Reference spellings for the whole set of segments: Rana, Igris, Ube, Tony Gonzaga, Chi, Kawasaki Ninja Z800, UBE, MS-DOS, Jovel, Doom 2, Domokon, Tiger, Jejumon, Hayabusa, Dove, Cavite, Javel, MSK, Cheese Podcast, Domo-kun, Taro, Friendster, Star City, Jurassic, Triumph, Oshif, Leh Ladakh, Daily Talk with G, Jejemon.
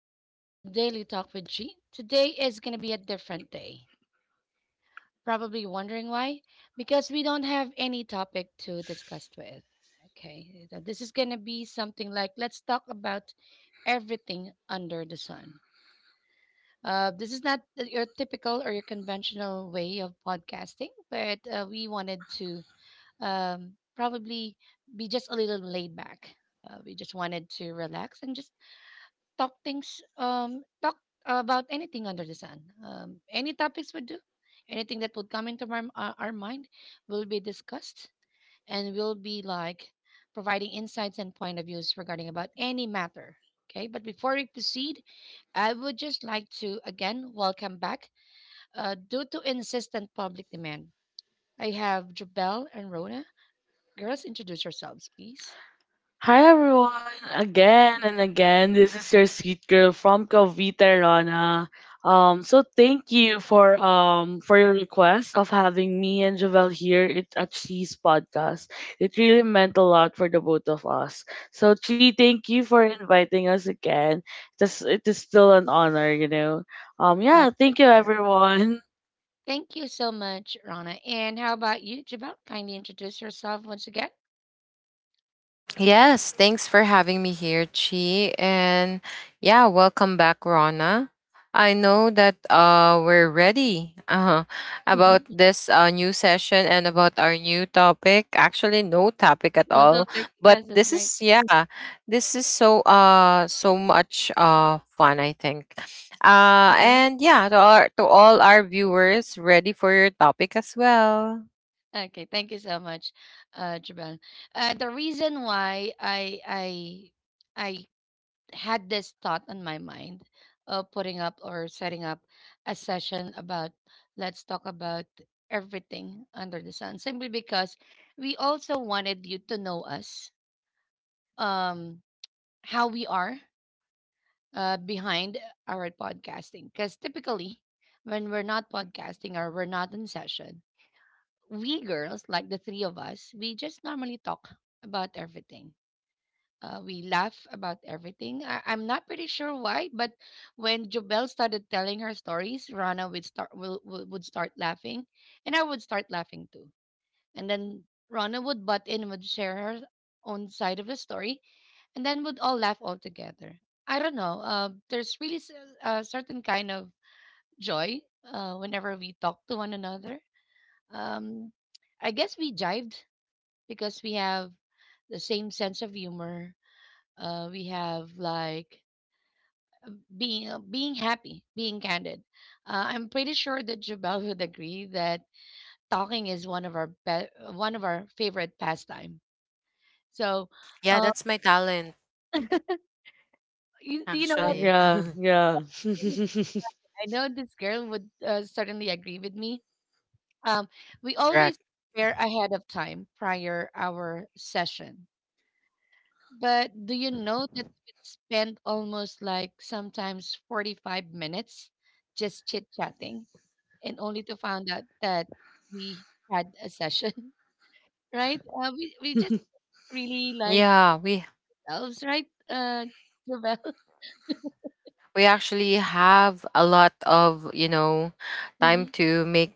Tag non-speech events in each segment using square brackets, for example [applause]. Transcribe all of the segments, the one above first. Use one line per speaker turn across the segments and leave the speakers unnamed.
uh, welcome to Daily Talk with G. Today is going to be a different day. Probably wondering why? Because we don't have any topic to discuss with. Okay, so this is going to be something like let's talk about everything under the sun. This is not your typical or your conventional way of podcasting, but we wanted to probably be just a little laid back. We just wanted to relax and just talk things talk about anything under the sun. Any topics would do, anything that would come into our mind will be discussed, and will be like providing insights and point of views regarding about any matter. Okay, but before we proceed, I would just like to again welcome back, due to insistent public demand, I have Jabel and Rona. Girls, introduce yourselves please.
Hi everyone, again and again. This is your sweet girl from Cavite, Rana. So thank you for your request of having me and Javel at Cheese Podcast. It really meant a lot for the both of us. So Chi, thank you for inviting us again. It is still an honor, you know.
My
Yeah, Thank you
pleasure.
everyone. [laughs]
Thank you so much, Rana. And how about you, Jabal? Kindly introduce yourself once again.
Yes, thanks for having me here, Chi. And yeah, welcome back, Rona. I know that we're ready [laughs] about
Mhm.
this new session and about our new topic. Actually, no topic at
No, [laughs]
all.
don't think.
But
Yes, that's
this
right.
is this is so so much fun, I think.
Uh-huh.
And yeah, to our to all our viewers, ready for your topic as well.
Okay, thank you so much, Jabal. The reason why I had this thought on my mind of putting up or setting up a session about let's talk about everything under the sun, simply because we also wanted you to know us, um, how we are behind our podcasting. Because typically, when we're not podcasting or we're not in session, we girls, like the three of us, we just normally talk about everything. We laugh about everything. I'm not pretty sure why, but when Jobel started telling her stories, Rana would would start laughing, and I would start laughing too. And then Rana would butt in and would share her own side of the story, and then we'd all laugh all together. I don't know. There's really a certain kind of joy whenever we talk to one another. Um, I guess we jived because we have the same sense of humor. We have like being happy, being candid. I'm pretty sure that Jabal [laughs] would agree that talking is one of our be- one of our favorite pastime. So,
Yeah,
uh,
that's my talent
do you know
Yeah,
what?
actually.
yeah, yeah. [laughs]
I know this girl would certainly agree with me. Um, we
[laughs]
always
Correct.
prepare ahead of time prior our session. But do you know that we spend almost like sometimes 45 minutes just chit chatting and only to find out that we had a session, [laughs] right? We just really like
Yeah, we
elves, right? [laughs] Jovel?
we actually have a lot of, you know, time
Hmm.
to make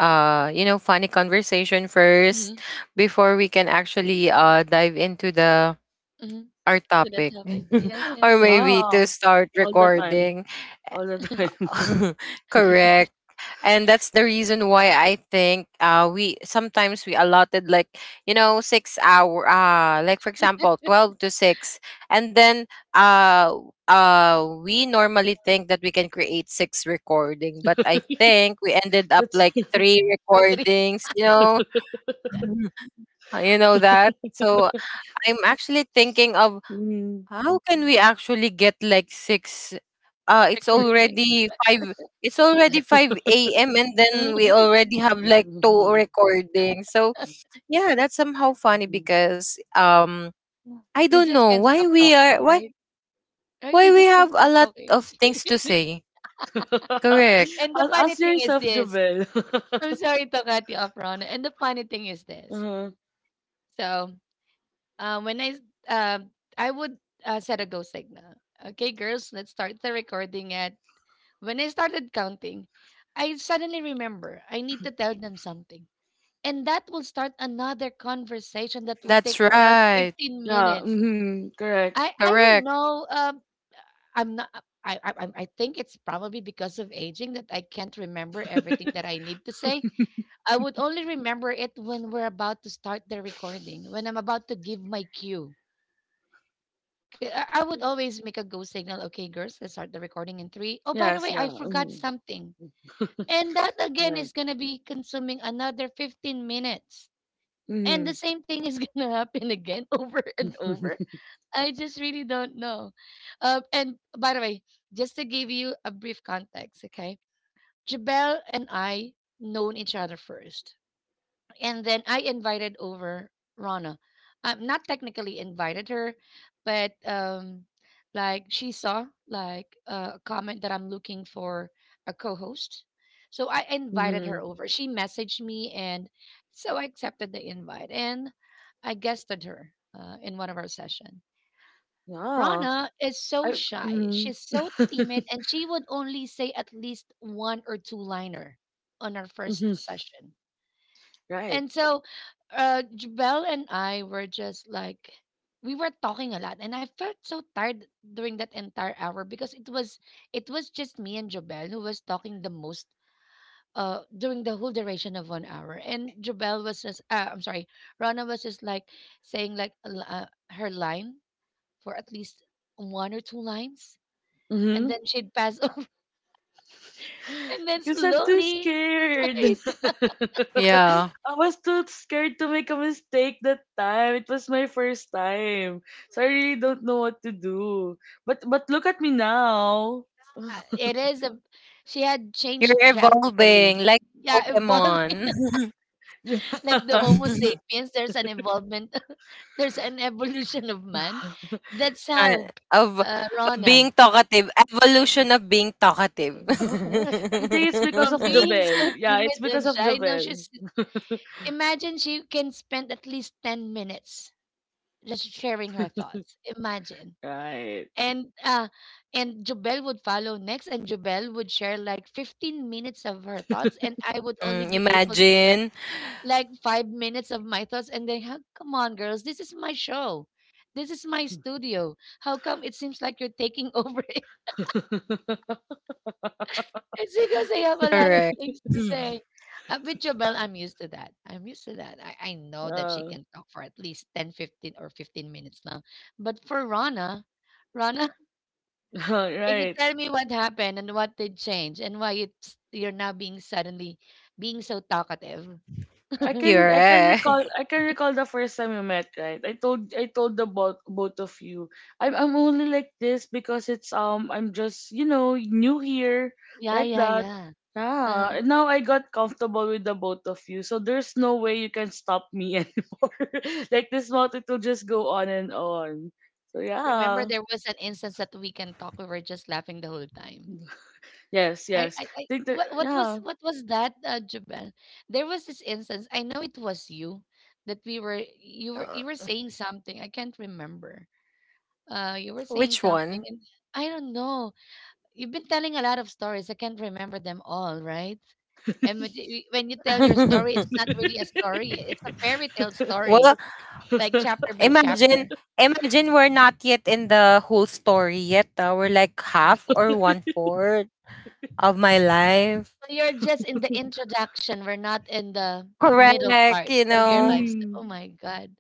you know, funny conversation
Hmm.
first before we can actually dive into the
Hmm.
our
[laughs] To that
topic
topic. Yes,
[laughs]
yes,
or
yes.
maybe
Yeah,
to start
all the time,
recording.
all the time.
[laughs] Correct. And that's the reason why I think we sometimes we allotted like, you know, 6 hour, like for example 12 to 6. And then uh we normally think that we can create six recording, but I think we ended
[laughs]
up
That's
like
[laughs]
three
Totally.
recordings, you know. [laughs] You know that. So I'm actually thinking of,
Mm.
how can we actually get like six?
[laughs]
It's
Recording.
already five. It's already
[laughs]
5 a.m. and then we
Mhm.
already have like two recordings. So yeah, that's somehow funny because I
We
don't
just
know
can't
why
stop
we
talking,
are
right?
why we have
Right?
a
We just
lot
can't stop
of things to
talking.
say.
[laughs]
Correct.
Ask,
And the funny
ask
thing is
yourself,
this.
Javel.
I'm
[laughs]
sorry to cut you off, Ron. And the funny thing is this.
Uh-huh.
So, um, when I, s- um, I would set a go signal. Okay, girls, let's start the recording at. When I started counting, I suddenly remember I need to tell them something. And that will start another conversation that would
That's
take around
right.
15
Yeah,
minutes.
mm-hmm, correct.
I don't
Correct.
know. I'm not. I I'm- I think it's probably because of aging that I can't remember everything that I need to say. I would only remember it when we're about to start the recording, when I'm about to give my cue. 'Kay, I would always make a go signal. Okay, girls, let's start the recording in three. Oh, by the
Yes,
way,
yeah.
I forgot
Mm-hmm.
something, and that again
Right.
is gonna be consuming another 15 minutes, and
Mm-hmm.
the same thing is [laughs] gonna happen again [laughs] over and over.
[laughs]
I just really don't know. And by the way, just to give you a brief context, okay? Jabel and I known each other first, and then I invited over Rana. I'm not technically invited her, but like she saw like a comment that I'm looking for a co-host, so I invited
Mm-hmm.
her over. She messaged me, and so I accepted the invite and I guested her in one of our session.
Yeah.
Rana is so
I,
shy.
mm-hmm.
She's so timid and she would only say at least one or two liner on our first
[laughs]
session.
Right.
And so Jabel and I were just like we were talking a lot and I felt so tired during that entire hour, because it was just me and Jabel who was talking the most during the whole duration of 1 hour, and Jabel was just I'm sorry Rana was just like saying like her line for at least one or two lines, and
Hmm.
then she'd pass [laughs] over. And then
Because I'm too
slowly, right?
scared. [laughs]
Yeah.
I was too scared to make a mistake that time. It was my first time. So I really don't know what to do. But look at me now.
Ah, it is a. She had
You're
changed
evolving
drastically.
like
Yeah, evolving
Pokemon.
[laughs] like the
[laughs]
Homo
[laughs]
sapiens. There's an evolvement. [laughs] There's an evolution of man. That's
Ah,
how,
of of being
Rona,
talkative, evolution of being talkative.
I think it's because of
from being [laughs]
Jovel.
so
[laughs]
Yeah, it's
timid and
because of
shy, now
Jovel.
she's. Imagine she can spend at least 10 minutes just sharing her thoughts. Imagine,
Right.
and uh and Jubel would follow next and Jubel would share like 15 minutes of her thoughts and I would only
Mm,
be able to share
imagine.
like 5 minutes of my thoughts, and then, "Huh, come on girls, this is my show, this is my studio, how come it seems like you're taking [laughs] over it?
[laughs]
It's because I have a lot of
Correct.
things
[clears throat]
to
Hmm,
say. With Jobel I'm used to that. I know that she
Yeah.
can talk for at least 10, 15, or 15 minutes now, but for Rana,
[laughs]
can you
Right.
tell me what happened and what did change and why it's you're now being suddenly being so talkative?
I
[laughs]
can I can recall
correct.
I can recall the first time we met, right? I told the both of you. I'm only like this because it's I'm just, you know, new here
Yeah,
like
yeah,
that.
yeah. Uh-huh.
Yeah. And now I got comfortable with the both of you. So there's no way you can stop me [laughs] anymore. Like this month it will just go on and on. So
Remember,
yeah.
there was an instance that we can talk. We were just laughing the whole time.
Yes,
I,
yes.
I, I
Think that
what, what was,
yeah.
what was that, Jubel? There was this instance. I know it was you that
Uh,
you were saying something. I can't remember. You were saying
Which
something,
one?
and I don't know. You've been telling a lot of stories. I can't remember them all, right? And
[laughs]
when you tell your story, it's
[laughs]
not really a story. It's a fairy tale
[laughs]
story,
Well,
like chapter by
imagine
chapter.
imagine we're not yet in the whole story yet. Ah. We're like half or one fourth of my life.
So you're just in the introduction. We're not in the middle part
Correct, you
of your
know.
lives.
Mm,
Oh my God.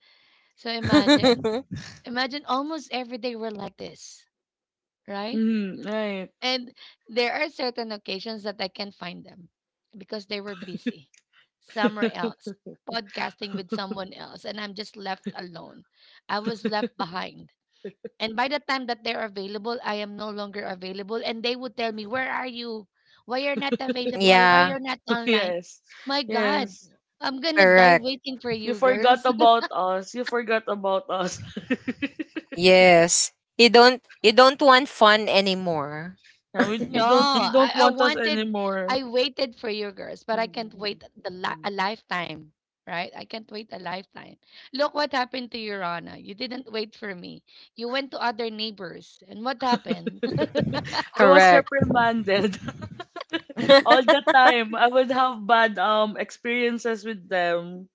So imagine,
[laughs]
imagine almost every day we're like this, right?
mm, right.
And there are certain occasions that I can't find them because they were busy somewhere
[laughs]
else, podcasting with someone else, and I'm just left alone. I was left behind. And by the time that they're available, I am no longer available. And they would tell me, where are you? Why you're not available? Why
Yeah,
you're not online?
Yes.
My God,
Yes.
I'm gonna die
correct.
waiting for
You
you,
forgot
girls.
about us. You forgot about us. [laughs]
Yes. You don't want fun anymore.
You
No,
don't you don't
I
want us
wanted,
anymore.
I waited for you girls, but I can't wait
[laughs]
a lifetime, right? I can't wait a lifetime. Look what happened to you, Rana. You didn't wait for me. You went to other neighbors, and what happened? [laughs]
I was
Correct.
reprimanded [laughs] all the
[laughs]
time. I would have bad experiences with them.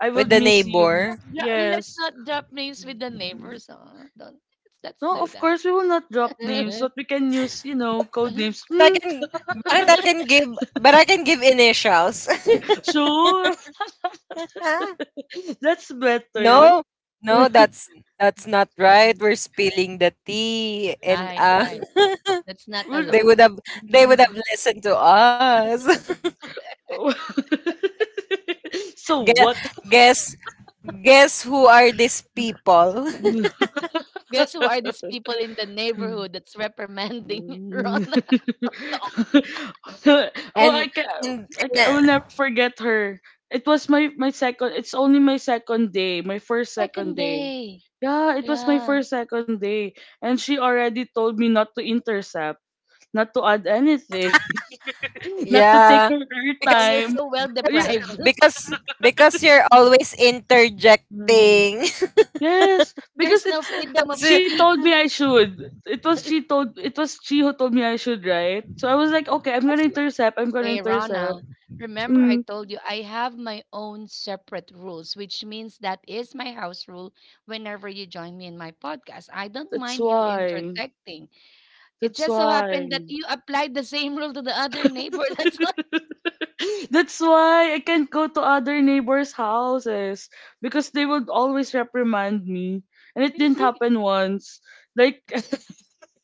I
With
would
the
miss you.
neighbor.
Let's, let's
Yes.
not drop names with the neighbors. Huh? Don't let's
No,
do
of
that.
course we will not drop names, but we can use, you know, code names.
But I
Hmm,
can but I can
[laughs]
give but I can give initials.
sure.
[laughs]
[laughs] That's better.
No. No,
[laughs]
that's that's not
[laughs]
right.
So
We're spilling the tea and
Right, right. That's not
[laughs] they would
allowed.
have they would have listened to us. [laughs] Guess
what?
guess guess who are these people?
Oh,
Guess who are these people in the neighborhood that's reprimanding [laughs] Rana talking?
[laughs] And
I can,
and,
I
and
can, I will
uh,
never forget her. It was my second. It's only my second day. My first second
Second
day.
day.
Yeah, it was my
Yeah.
first second day, and she already told me not to intercept, not to add anything, [laughs] not to take
yeah.
her air
Oh,
Because
you're
time.
so well
That's
Yeah.
deprived. [laughs]
because you're always interjecting.
Yes, because
There's no
it's
freedom
[laughs]
of
Kasi-
she
speech.
told me I should. It was she who told me I should, right? So I was like, okay, I'm
That's
gonna
m-
intercept. I'm gonna
Hey,
intercept.
Rana. Remember, I
Mm,
told you I have my own separate rules, which means that is my house rule. Whenever you join me in my podcast, I don't
that's
mind you
why.
interjecting. It
That's
just so
why.
happened that you applied the same rule to the other neighbor. [laughs] That's why.
[laughs] That's why I can't go to other neighbors' houses because they would always reprimand me, and it didn't happen once. Like [laughs]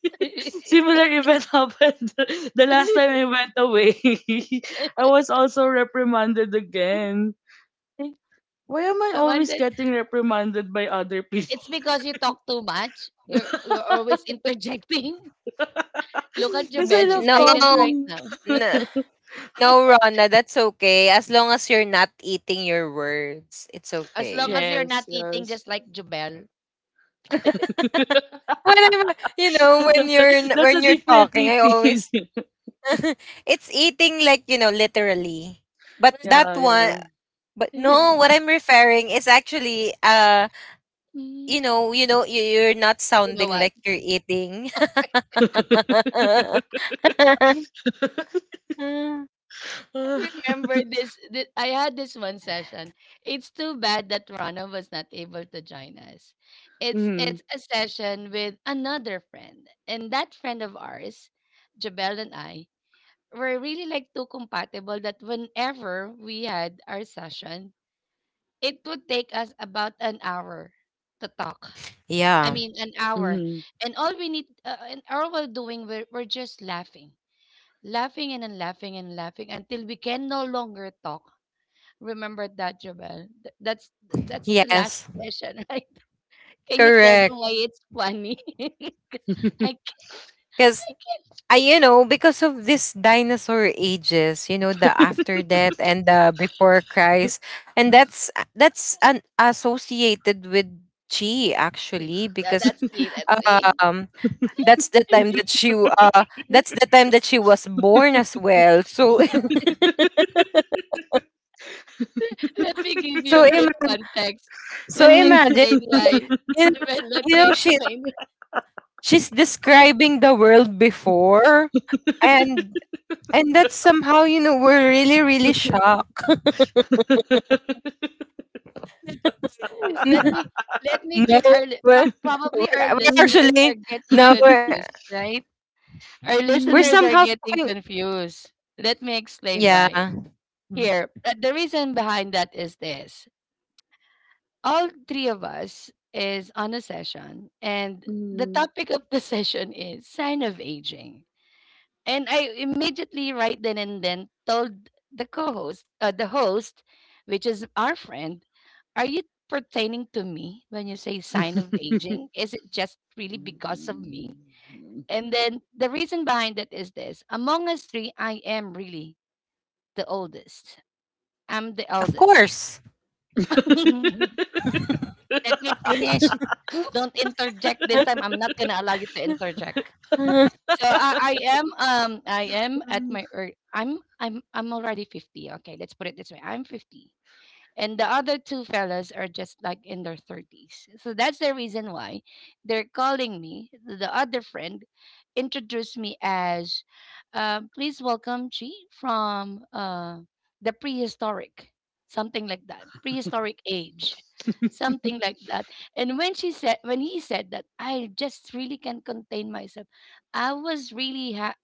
[laughs] Similar event [laughs] happened the last time I went away. [laughs] I
[laughs]
was also reprimanded again. Why am I
I
always
wondered.
getting reprimanded by other people?
It's because you talk too much. You're
[laughs]
always interjecting. [laughs] Look at your
Because I
bed. She's
love
no,
silent
no,
right
talking.
now.
[laughs]
no,
[laughs]
Rona, that's okay. As long as you're not eating your words, it's
As long
okay.
as you're
Yes,
not eating
yes.
just like Jobel.
When I'm, you know, when you're
[laughs] That's a
when you're
different
talking, I
eating.
always
[laughs]
[laughs] it's eating like, you know, literally. But that
Yeah,
one,
yeah.
but
Mm.
no,
[laughs]
what I'm referring is actually you know, you're not
You Mm. know
sounding
what?
like you're eating. [laughs]
[laughs]
Mm,
I remember I had this one session. It's too bad that Rana was not able to join us.
Mm-hmm.
It's a session with another friend, and that friend of ours, Jabel and I, were really like too compatible that whenever we had our session, it would take us about an hour to talk. I
yeah.
mean, an hour. And and all we're doing, we're just laughing, laughing and then laughing and laughing until we can no longer talk. Remember that, Jabal. That's the last
Yes.
session, [laughs] right? Can you tell them
Correct.
why it's funny? [laughs] 'Cause I
Because
can't
I, you
speak.
know, because of this dinosaur ages, you know, the after death and the before Christ, and that's an associated with Chi actually
Yeah,
because
that's me. That's me.
um that's the time that she
[laughs]
w- uh that's the time that she was born as well. So
Let me give
[laughs]
you
so
a brief
ima-
context.
so
Let me
Mm-hmm.
imagine,
explain why.
you know,
Well, let me
she
explain,
she's describing the world before, and And that's somehow, you know, we're really, really shocked.
[laughs]
let me tell you this. Let
[laughs]
me let me
no,
give our
we're, we're,
probably our
we're
listeners are
actually,
getting
no,
confused, right? Our
we're
Mm.
listeners are
somehow
getting
talking.
confused. Let me explain
Yeah,
Mm.
why.
of
Here, the reason behind that is this: all three of us is on a session, and the
Mm.
topic of the [laughs] session is sign of aging. And I immediately, right then and then, told the the host, which is our friend, are you pertaining to me when you say
Mm. [laughs]
sign of aging? Is it just really because of me? And then the reason behind it is this, among us three, I am really the oldest. I'm the eldest.
course.
[laughs] Let me finish. Don't interject this time.
[laughs]
I'm not gonna allow you to interject. So I am I am at my ear I'm already 50. Okay, let's put it this way. I'm 50. And the other two fellas are just like in their 30s, so that's the reason why they're calling me. The other friend introduced me as, please welcome Chi from, the prehistoric, something like that, prehistoric age, something like that. And when he said that, I just really can't contain myself. I was really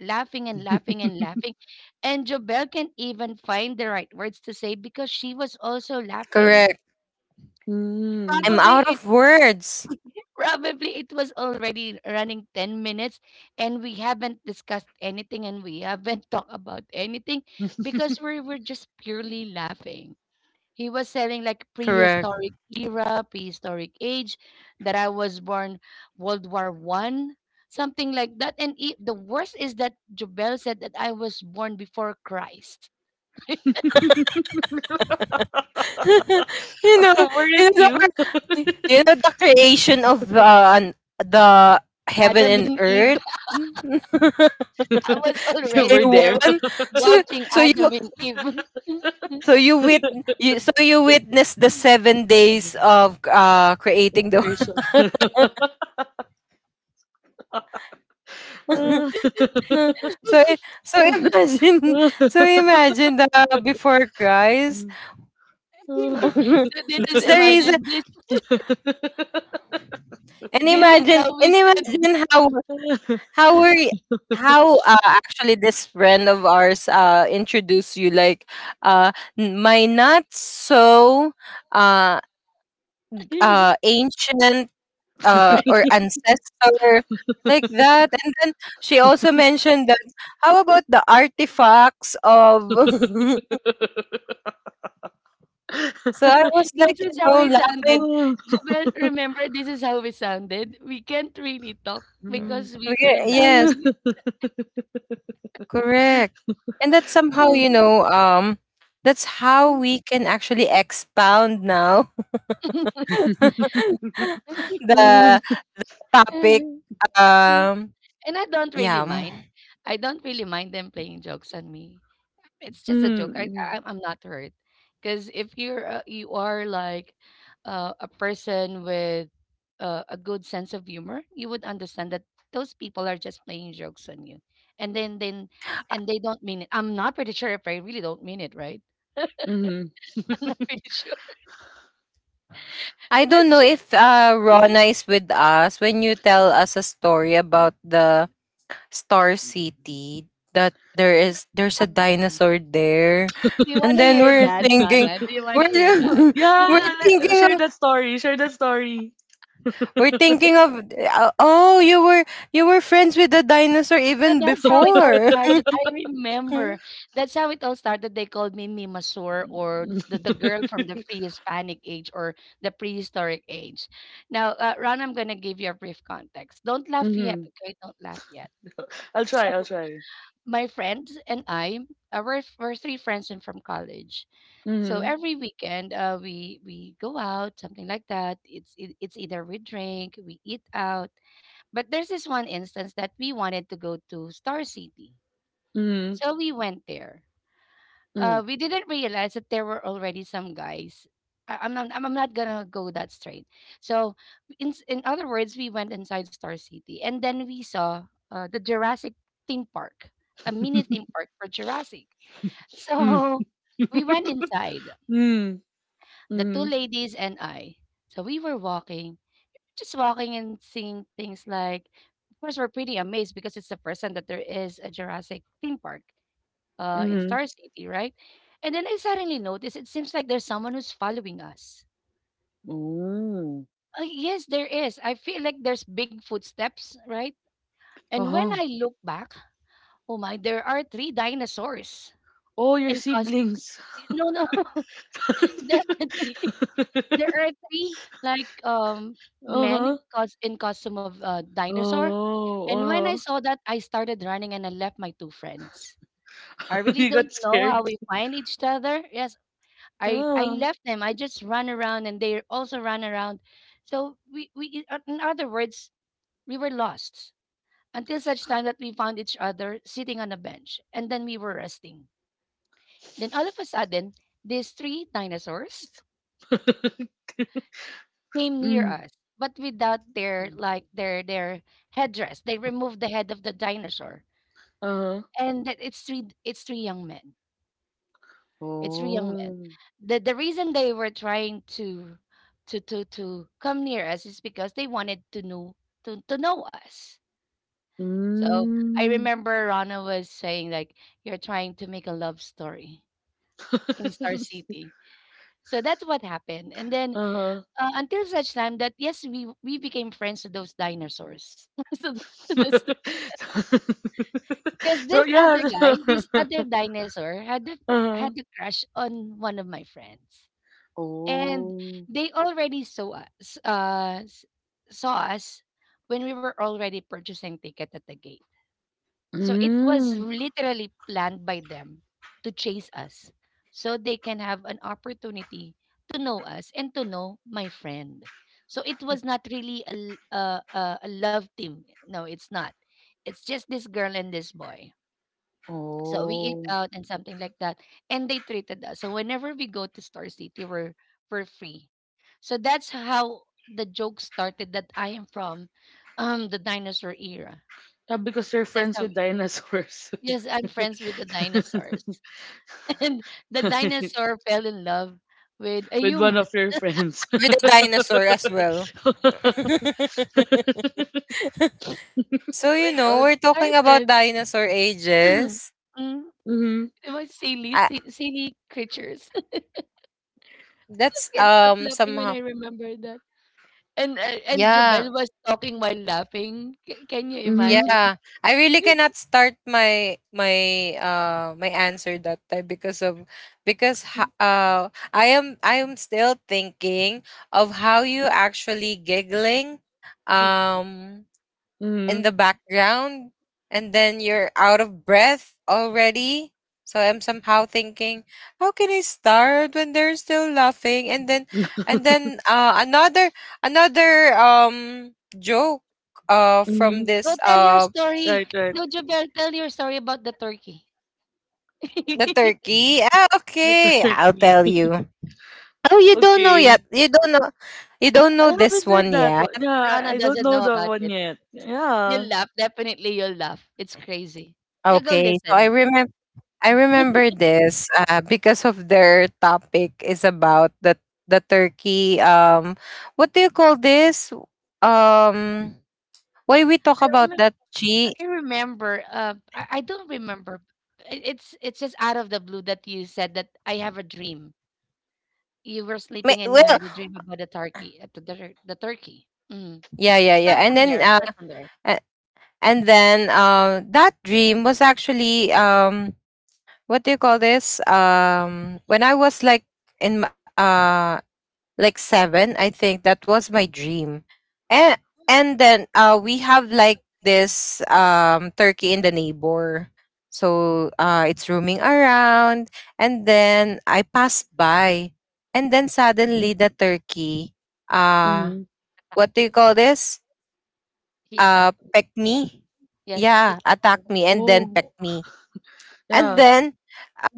laughing and laughing and laughing. And Jobel can even find the right words to say because she was also laughing.
Correct. I'm out
Probably it
of words.
probably it was already running 10 minutes, and we haven't discussed anything, and we haven't [laughs] talked about anything, because we were just purely laughing. He was selling like
Correct.
prehistoric era, prehistoric age, that I was born World War One, something like that. And the worst is that Jobel said that I was born before Christ. [laughs]
[laughs] You know,
Weren't
you know,
you?
you know, the creation of the heaven
Adam
and
and Eve.
earth. [laughs] Day
[laughs] I was
[laughs] You were
already there
there.
one.
[laughs]
So,
watching
so you
Adam and Eve. [laughs]
So you wit you So you witness the 7 days
Mm.
of creating the
Inspiration. [laughs]
[laughs] so i- so imagine so imagine the before Christ. [laughs]
Mm.
so this is
That's the reason.
imagine this. This is how we
And
stand.
imagine how
[laughs]
how were y- how, actually this friend of ours introduced you like, uh my not so uh
[laughs]
ancient,
[laughs]
or ancestor, like that. And then she also mentioned that, how about the artifacts of [laughs] so I
[laughs]
was
And
like,
this is
you
how
know,
we
laughing.
sounded. Jabel, remember, this is how we sounded. We can't really talk because we
We-
were
yes,
laughing.
Mm.
correct. And that somehow, you know, that's how we can actually expound now
[laughs] Mm.
[laughs] the
Mhm,
topic,
[laughs]
um
And I don't really
yeah. Mm.
mind. I don't really mind them playing jokes on me. It's just a joke. I,
mhm,
I I'm not hurt. Because if you are like a person with a good sense of humor, you would understand that those people are just playing jokes on you, and then and they don't mean it. I'm not pretty sure if I really don't mean it, right?
mhm.
[laughs] I'm not pretty sure.
I
[laughs]
don't
That's
know
shit.
if Rona is with us when you tell us a story about the Star City, that there's a dinosaur there.
Do you want
And
to
then
hear
we're
that,
No,
thinking,
Rana? Do
[laughs]
you want
we're
to hear that?
[laughs] we're
[laughs]
yeah, share
thinking of,
that story. Share that story.
we're thinking of, oh, you were friends with the dinosaur
So
even
that's how it all
before. [laughs]
started. I remember.
With
That's how it all started. They called me Mimasur, or the girl from the pre-Hispanic age, or the prehistoric age. Now, Ron, I'm going to give you a brief context. Don't laugh yet,
Mm-hmm.
okay? Don't laugh yet.
I'll
So
try. I'll try.
my friends and I, we're three friends and from college. So
Mm-hmm.
every weekend, we go out, something like that. It's either we drink, we eat out. But there's this one instance that we wanted to go to Star City,
Mm-hmm.
so we went there. We didn't realize that there were already some guys. I'm not. I'm not gonna go that straight. So, in other words, we went inside Star City, and then we saw the Jurassic theme park, a mini theme park for Jurassic. [laughs]
Mm-hmm.
So, we went inside. The two
Mm-hmm.
ladies and I. So we were walking, just walking and seeing things like. Of course, we're pretty amazed because it's the first time that there is a Jurassic theme park, in
Mm-hmm.
Star City, right? And then I suddenly noticed it seems like there's someone who's following us.
Oh.
Yes, there is. I feel like there's big footsteps, right? And when
Uh-huh.
I look back, oh my, there are three dinosaurs
Oh, your
in costume.
siblings.
No, no, [laughs]
[laughs]
there are three. There are three like men
Uh-huh.
in costume of, dinosaur. And when I
Oh,
saw that, I started running and I left my two friends. I
uh-huh. [laughs]
really
You
don't
got
know how
scared.
we find each other. Yes, I
Yeah.
left them. I just ran around and they also ran around. So in other words, we were lost until such time that we found each other sitting on a bench, and then we were resting. Then all of a sudden, these three dinosaurs
[laughs]
came near
Mm.
us, but without their headdress. They removed the head of the dinosaur.
Uh-huh.
And that it's three, it's three. Young men. It's real, young men.
Oh.
The reason they were trying to come near us is because they wanted to know us. So I
Mm.
remember Rana was saying like you're trying to make a love story in Star
[laughs]
City. So that's what happened. And then,
Uh-huh.
until such time that yes, we became friends to those dinosaurs. [laughs] So
[laughs]
because
So,
this other
yeah.
guy, this other
[laughs]
dinosaur had a,
Uh-huh.
had a crush on one of my friends, and
Oh.
they already saw us, saw us when we were already purchasing ticket at the gate, so it was
Mm.
literally planned by them to chase us so they can have an opportunity to know us and to know my friend. So it was not really a, l- a a love team, no, it's not. It's just this girl and this boy. So we eat
Oh.
out and something like that. And they treated us. So whenever we go to Star City, we're free. So that's how the joke started, that I am from the dinosaur era.
Yeah, because you're
So that's
friends
how,
with dinosaurs.
yes, I'm
[laughs]
friends with the dinosaurs. [laughs] And the dinosaur fell in love with a
With one
human.
of
[laughs]
your friends.
the
[laughs]
dinosaur as well. [laughs] So
So
you
it
know,
all
we're talking about
started.
dinosaur
[clears throat] mm,
ages.
Mm-hmm.
it was silly,
I,
silly creatures. [laughs] Just
that's
can't stop laughing when
somehow
I remember that. And
yeah.
Jobel was talking while laughing. Can you
Mm-hmm.
imagine?
Yeah, I really cannot start my answer that time because of
[laughs]
I am still thinking of how you actually giggling um in
Mm-hmm.
the background, and then you're out of breath already. So I'm somehow thinking, how can I start when they're still laughing? And then
[laughs]
another another um joke from
Mm-hmm.
Go
this
tell your story.
Right, right.
No, Jobel, tell your story about the turkey.
the
[laughs]
turkey? Ah,
The
okay. I'll
turkey.
tell
[laughs]
you. Oh, you don't know
Okay.
yet. You don't know. You don't
I
know this
haven't heard
one
that
yet.
one. Yeah, I
Rana
I don't
doesn't
know
know
that
about
one
it.
yet. Yeah.
You'll laugh. Definitely you'll laugh. It's crazy. Yeah, go
Okay. So I
listen.
remember. I remember this, because of their topic is about the turkey. What do you call this? Um, why we talk
I
about
remember
that, Chi?
I don't remember. It's just out of the blue that you said that I have a dream. You were
May-
sleeping and
well,
you had a dream about the turkey, the turkey. Mm.
yeah, yeah, yeah.
Start
And
from
then,
there. Start from there.
a- and then, that dream was actually, what do you call this? When I was like in m- uh like seven, I think that was my dream. and and then we have like this turkey in the neighbor, so it's roaming around, and then I passed by, and then suddenly the turkey, uh
Hmm.
Attack
what do you
you.
call this?
He attacked me.
Peck me,
Yes, he
yeah, attack
tackled
me,
me.
and then peck
Oh,
me. And
yeah.
then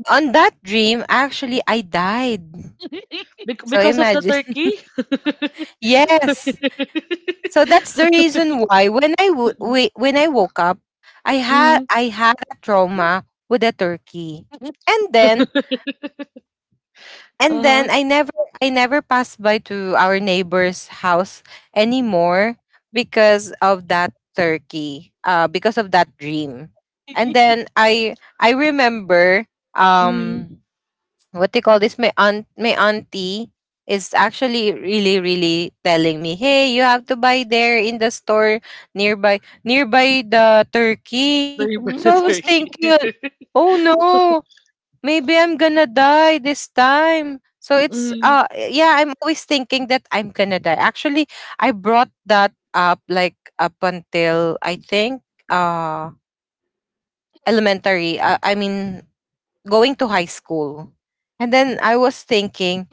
on that dream, actually, I died.
[laughs]
So
Because of the
imagine.
turkey?
[laughs] Yes. So that's
[laughs]
the reason why when I when I woke up,
Hmm.
I had a trauma with a turkey. And then
Uh-huh.
I never passed by to our neighbor's house anymore because of that turkey. Because of that dream. And then I remember,
Hmm.
um what they call this, my aunt, my auntie is actually really, really telling me, hey, you have to buy there in the store nearby, the turkey.
The by
So I
the
was thinking,
turkey.
oh no, maybe I'm gonna die this time. So
[laughs]
it's,
Hmm.
yeah, I'm always thinking that I'm gonna die actually. I brought that up like up until I think uh elementary, I mean going to high school. And then I was thinking,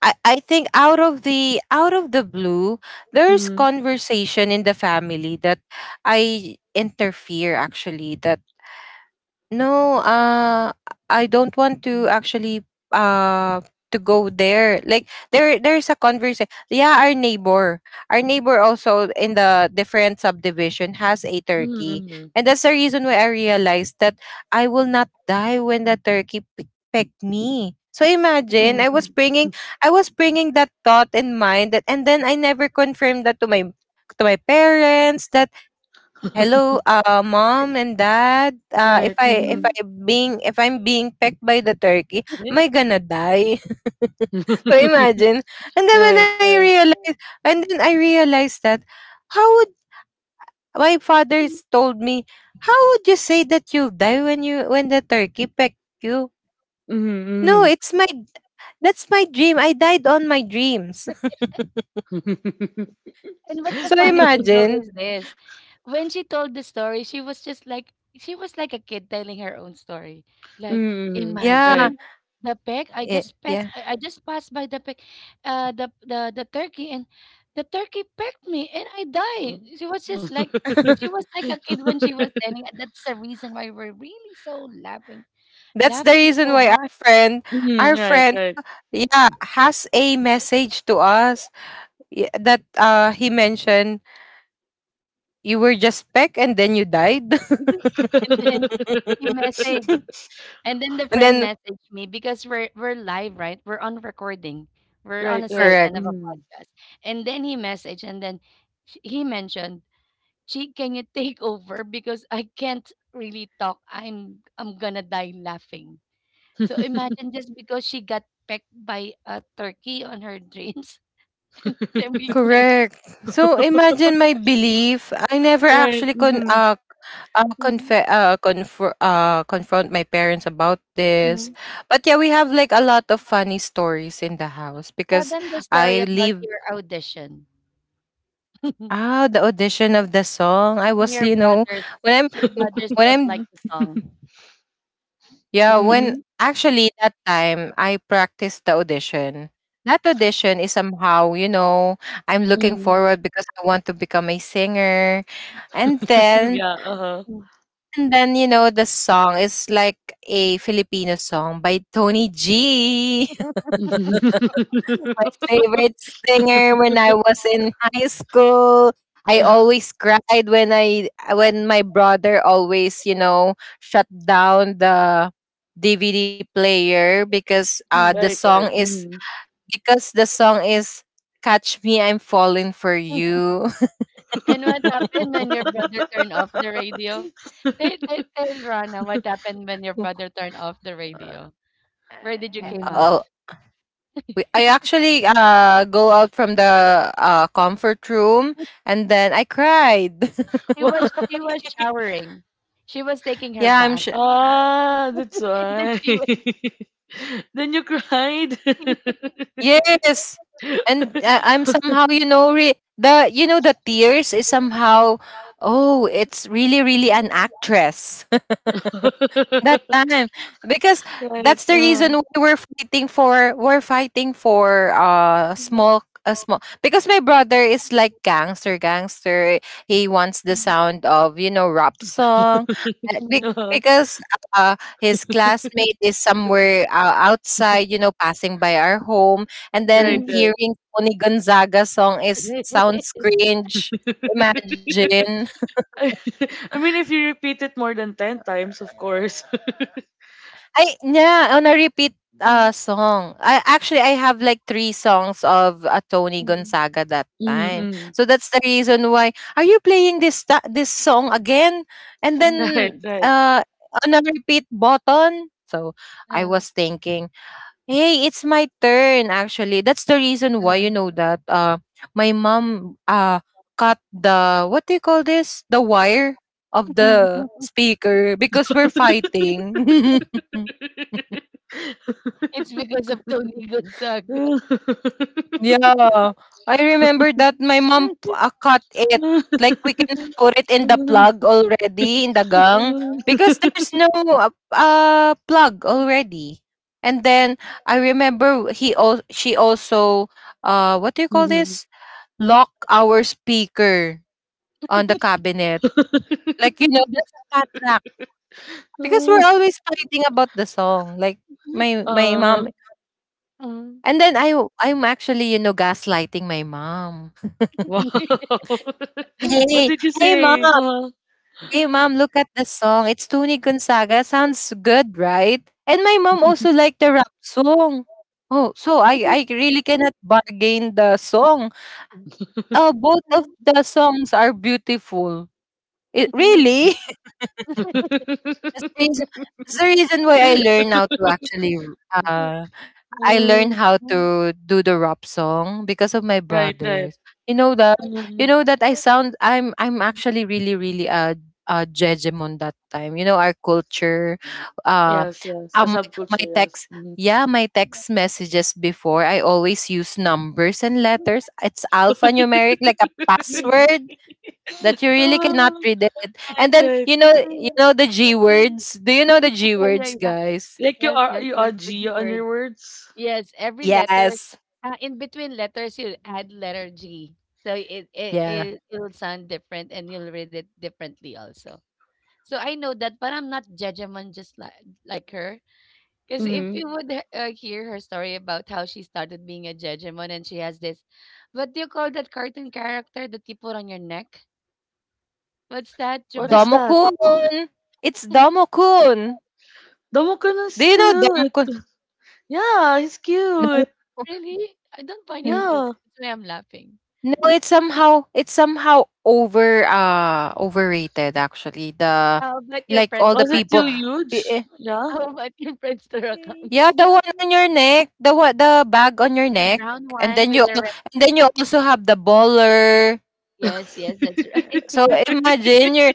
I think out of the blue, there's
Hmm.
conversation in the family that I interfere actually that. No, I don't want to actually to go there. Like there's a conversation. Yeah, our neighbor. Our neighbor also in the different subdivision has a turkey.
Hmm.
And that's the reason why I realized that I will not die when the turkey pecked me. So imagine, I was bringing that thought in mind. That and then I never confirmed that to my parents that, hello, mom and dad,
Right.
if
Hmm.
I being, if I'm being pecked by the turkey, am I gonna die? [laughs] So
[laughs]
imagine.
Right. Right.
And then I realized that, how would my father's told me, how would you say that you'll die when you, when the turkey pecked you? No,
Hmm.
it's my, that's my dream, I died on my dreams.
Hmm.
And
[laughs]
what's the
So
funny thing though
imagine.
is this: when she told the story, she was like a kid telling her own story. Like,
[laughs]
Yeah.
Right.
imagine the peg. I
Eh,
just passed.
yeah.
I just passed by the peg, the turkey, and the turkey pecked me, and I died. She was just like
[laughs]
she was like a kid when she was
[laughs]
telling. And that's the reason why we're really so laughing,
That's the
laughing
reason
so
why our
hard.
friend,
Hmm.
our
Right.
friend
Right.
yeah, has a message to us, that he mentioned, you were just peck and then you died.
And then you message,
[laughs]
[laughs]
And
and then the friend
then
messaged me because we're live, right? We're on recording. We're on
Right,
a
right.
session of a
correct,
Mm.
podcast. And then he messaged, and then he mentioned, "Chi, can you take [laughs] over because I can't really talk. I'm gonna die laughing." So imagine, just because she got pecked by a turkey on her dreams, [laughs] then we can,
correct. So imagine my belief, I never
Right.
actually
Mhm.
mhm,
confront my parents about this.
mhm,
But yeah, we have like a lot of funny stories in the house
tell
because
them the
I
story about
leave.
your audition. [laughs]
Ah, the audition of the song. I
And
was,
your
you know,
brothers
when I'm
your
w-
brothers
when
don't
I'm,
like the song.
yeah, when
Mhm.
[laughs]
actually that time I practiced the audition. That audition is somehow, you know, I'm looking
Mhm.
forward because I want to become a singer. And
[laughs]
then
Yeah, uh-huh.
Mm,
you know, the song is like a Filipino song by Tony G. [laughs] my
[laughs]
favorite singer when I was in high school. I always cried when I when my brother always, you know, shut down the DVD player because the
mm.
Right, right.
song is,
Mhm.
because the song is Catch Me I'm Falling for You.
And what happened when your brother turned off the radio? Tell tell
[laughs]
tell Rana what happened when your
[laughs]
brother turned off the radio. Where did you came
Mm.
out?
Oh, I
[laughs]
actually go out from the comfort room, and then I cried.
She
Wha
was she
[laughs]
was showering. She was taking
[laughs]
her
Yeah, I'm
bath.
sure. Uh,
Ah, that's
[laughs] And then
why.
she went.
[laughs] Then you cried.
yes. And
[laughs]
I'm somehow, you know, re- the you know, the tears is somehow, oh, it's really, really an actress that time. Because
Right.
that's the
Uh-huh.
reason why we're fighting for, we're fighting for small, a small, because my brother is like gangster, gangster. He wants the sound of, you know, rap song, uh, be-
Mhm.
Uh-huh. [laughs]
because his classmate is somewhere, outside, you know, passing by our home, and then
Right, right.
hearing Tony Gonzaga song is sounds
[laughs]
[laughs]
cringe. Imagine.
[laughs] I mean, if you repeat it more than 10 times, of course. [laughs]
[laughs] I, yeah, on a repeat
Mm,
song. I actually I have like three songs of, Tony
mm,
Gonzaga that time.
Mm-mm.
So that's the reason why, are you playing this this song again? And then
mm.
Right, right.
on a repeat button. So I
Uh,
was thinking, hey, it's my turn actually. That's the reason why you know that my mom cut the what do you call this? The wire of the
[laughs]
speaker because we're fighting. [laughs]
It's because
[laughs]
of Tony Gonzaga.
Yeah, I remember that my mom cut it. Like we can put it in the plug already in the gang because there's no plug already. And then I remember she also what do you call
Mhm.
this? Lock our speaker on the cabinet. Like you know, there's a padlock because we're always fighting about the song. Like my
[laughs]
my mom.
Uh-huh.
And then I'm actually gaslighting my mom.
Wow. [laughs] What
Hey,
did you
hey mom,
say? Uh-huh.
hey mom, look at the song. It's Tony Gonzaga. Sounds good, right? And my mom also liked the rap song. Oh, so I really cannot bargain the song. Oh, both of
Mm.
the songs are beautiful. It
[laughs]
really. [laughs] That's the reason,
[laughs]
that's the reason why uh I learned
Mm,
how to do the rap song because of my
right, right.
brothers. You know that you
Mm.
know that I sound I'm actually really really a hegemon that time. You know our culture uh
Yes, yes. A
um
subculture, yes. Mm-hmm.
my text messages before. I always use numbers and letters. It's alphanumeric like a password
[laughs]
that you really cannot
Oh,
read it.
right,
And then
right.
you know the G words. Do you know
Yeah,
the G
yeah,
words,
yeah.
guys?
Like
Yes, yes,
you
yes.
are
The G
Gia on
word.
your words.
Yes, every letter.
Yes.
In between letters, you add letter G, so it it
Yeah.
it it will sound different, and you'll read it differently also. So I know that, but I'm not judgment, just like her. Because if
Mm-hmm.
you would hear her story about how she started being a judgment, and she has this, what do you call that cartoon character that you put on your neck? What's that,
What is
Jabel?
that?
Domo-kun! It's Domo-kun!
Damokon is
Do you know
cute.
Domo-kun?
Yeah, he's
No.
cute.
Really? I don't find it
N
cute.
Yeah.
That's why I'm laughing.
No, it's somehow overrated actually, the
How about your
like,
Friendster
all the
Was it
people,
too
account?
I
huge?
eh
[laughs]
Yeah.
How about your Friendster account?
yeah, the one
Yes,
on your neck, the bag on your
the
neck,
brown
and
one
then
with the red,
and then you also have the baller.
yes, yes, that's right.
So, imagine your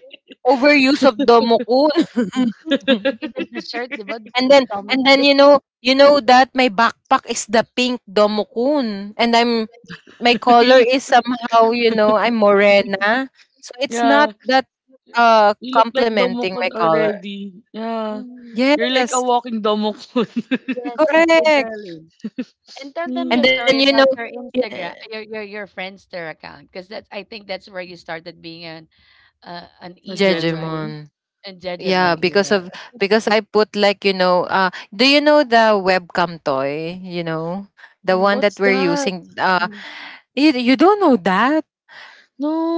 overuse of
[laughs]
Domo-kun.
[laughs]
[laughs]
Even the shirt, 'di ba,
And then
damo
and
ko
then
din.
you know that my backpack is the pink Domokun, and I'm my
You
color
look,
is somehow, I'm morena. So it's not
yeah.
that
You look like
complementing my
Domokon
color.
already. Yeah.
Mm.
You're like a
Yes,
walking Domokon.
Yes, yes,
correct.
literally.
[laughs]
And tell them your
Hmm.
And
story
then
about your Instagram,
yeah,
your Friendster account, because that's I think that's where you started being an, an
A
emo, right?
Jejumon.
Jejemon.
And Jejemon
Yeah, because
era.
of because I put, like, do you know the webcam toy, you know? The one
Mm,
that
What's
we're
that?
using. uh
mm,
you, you don't know that.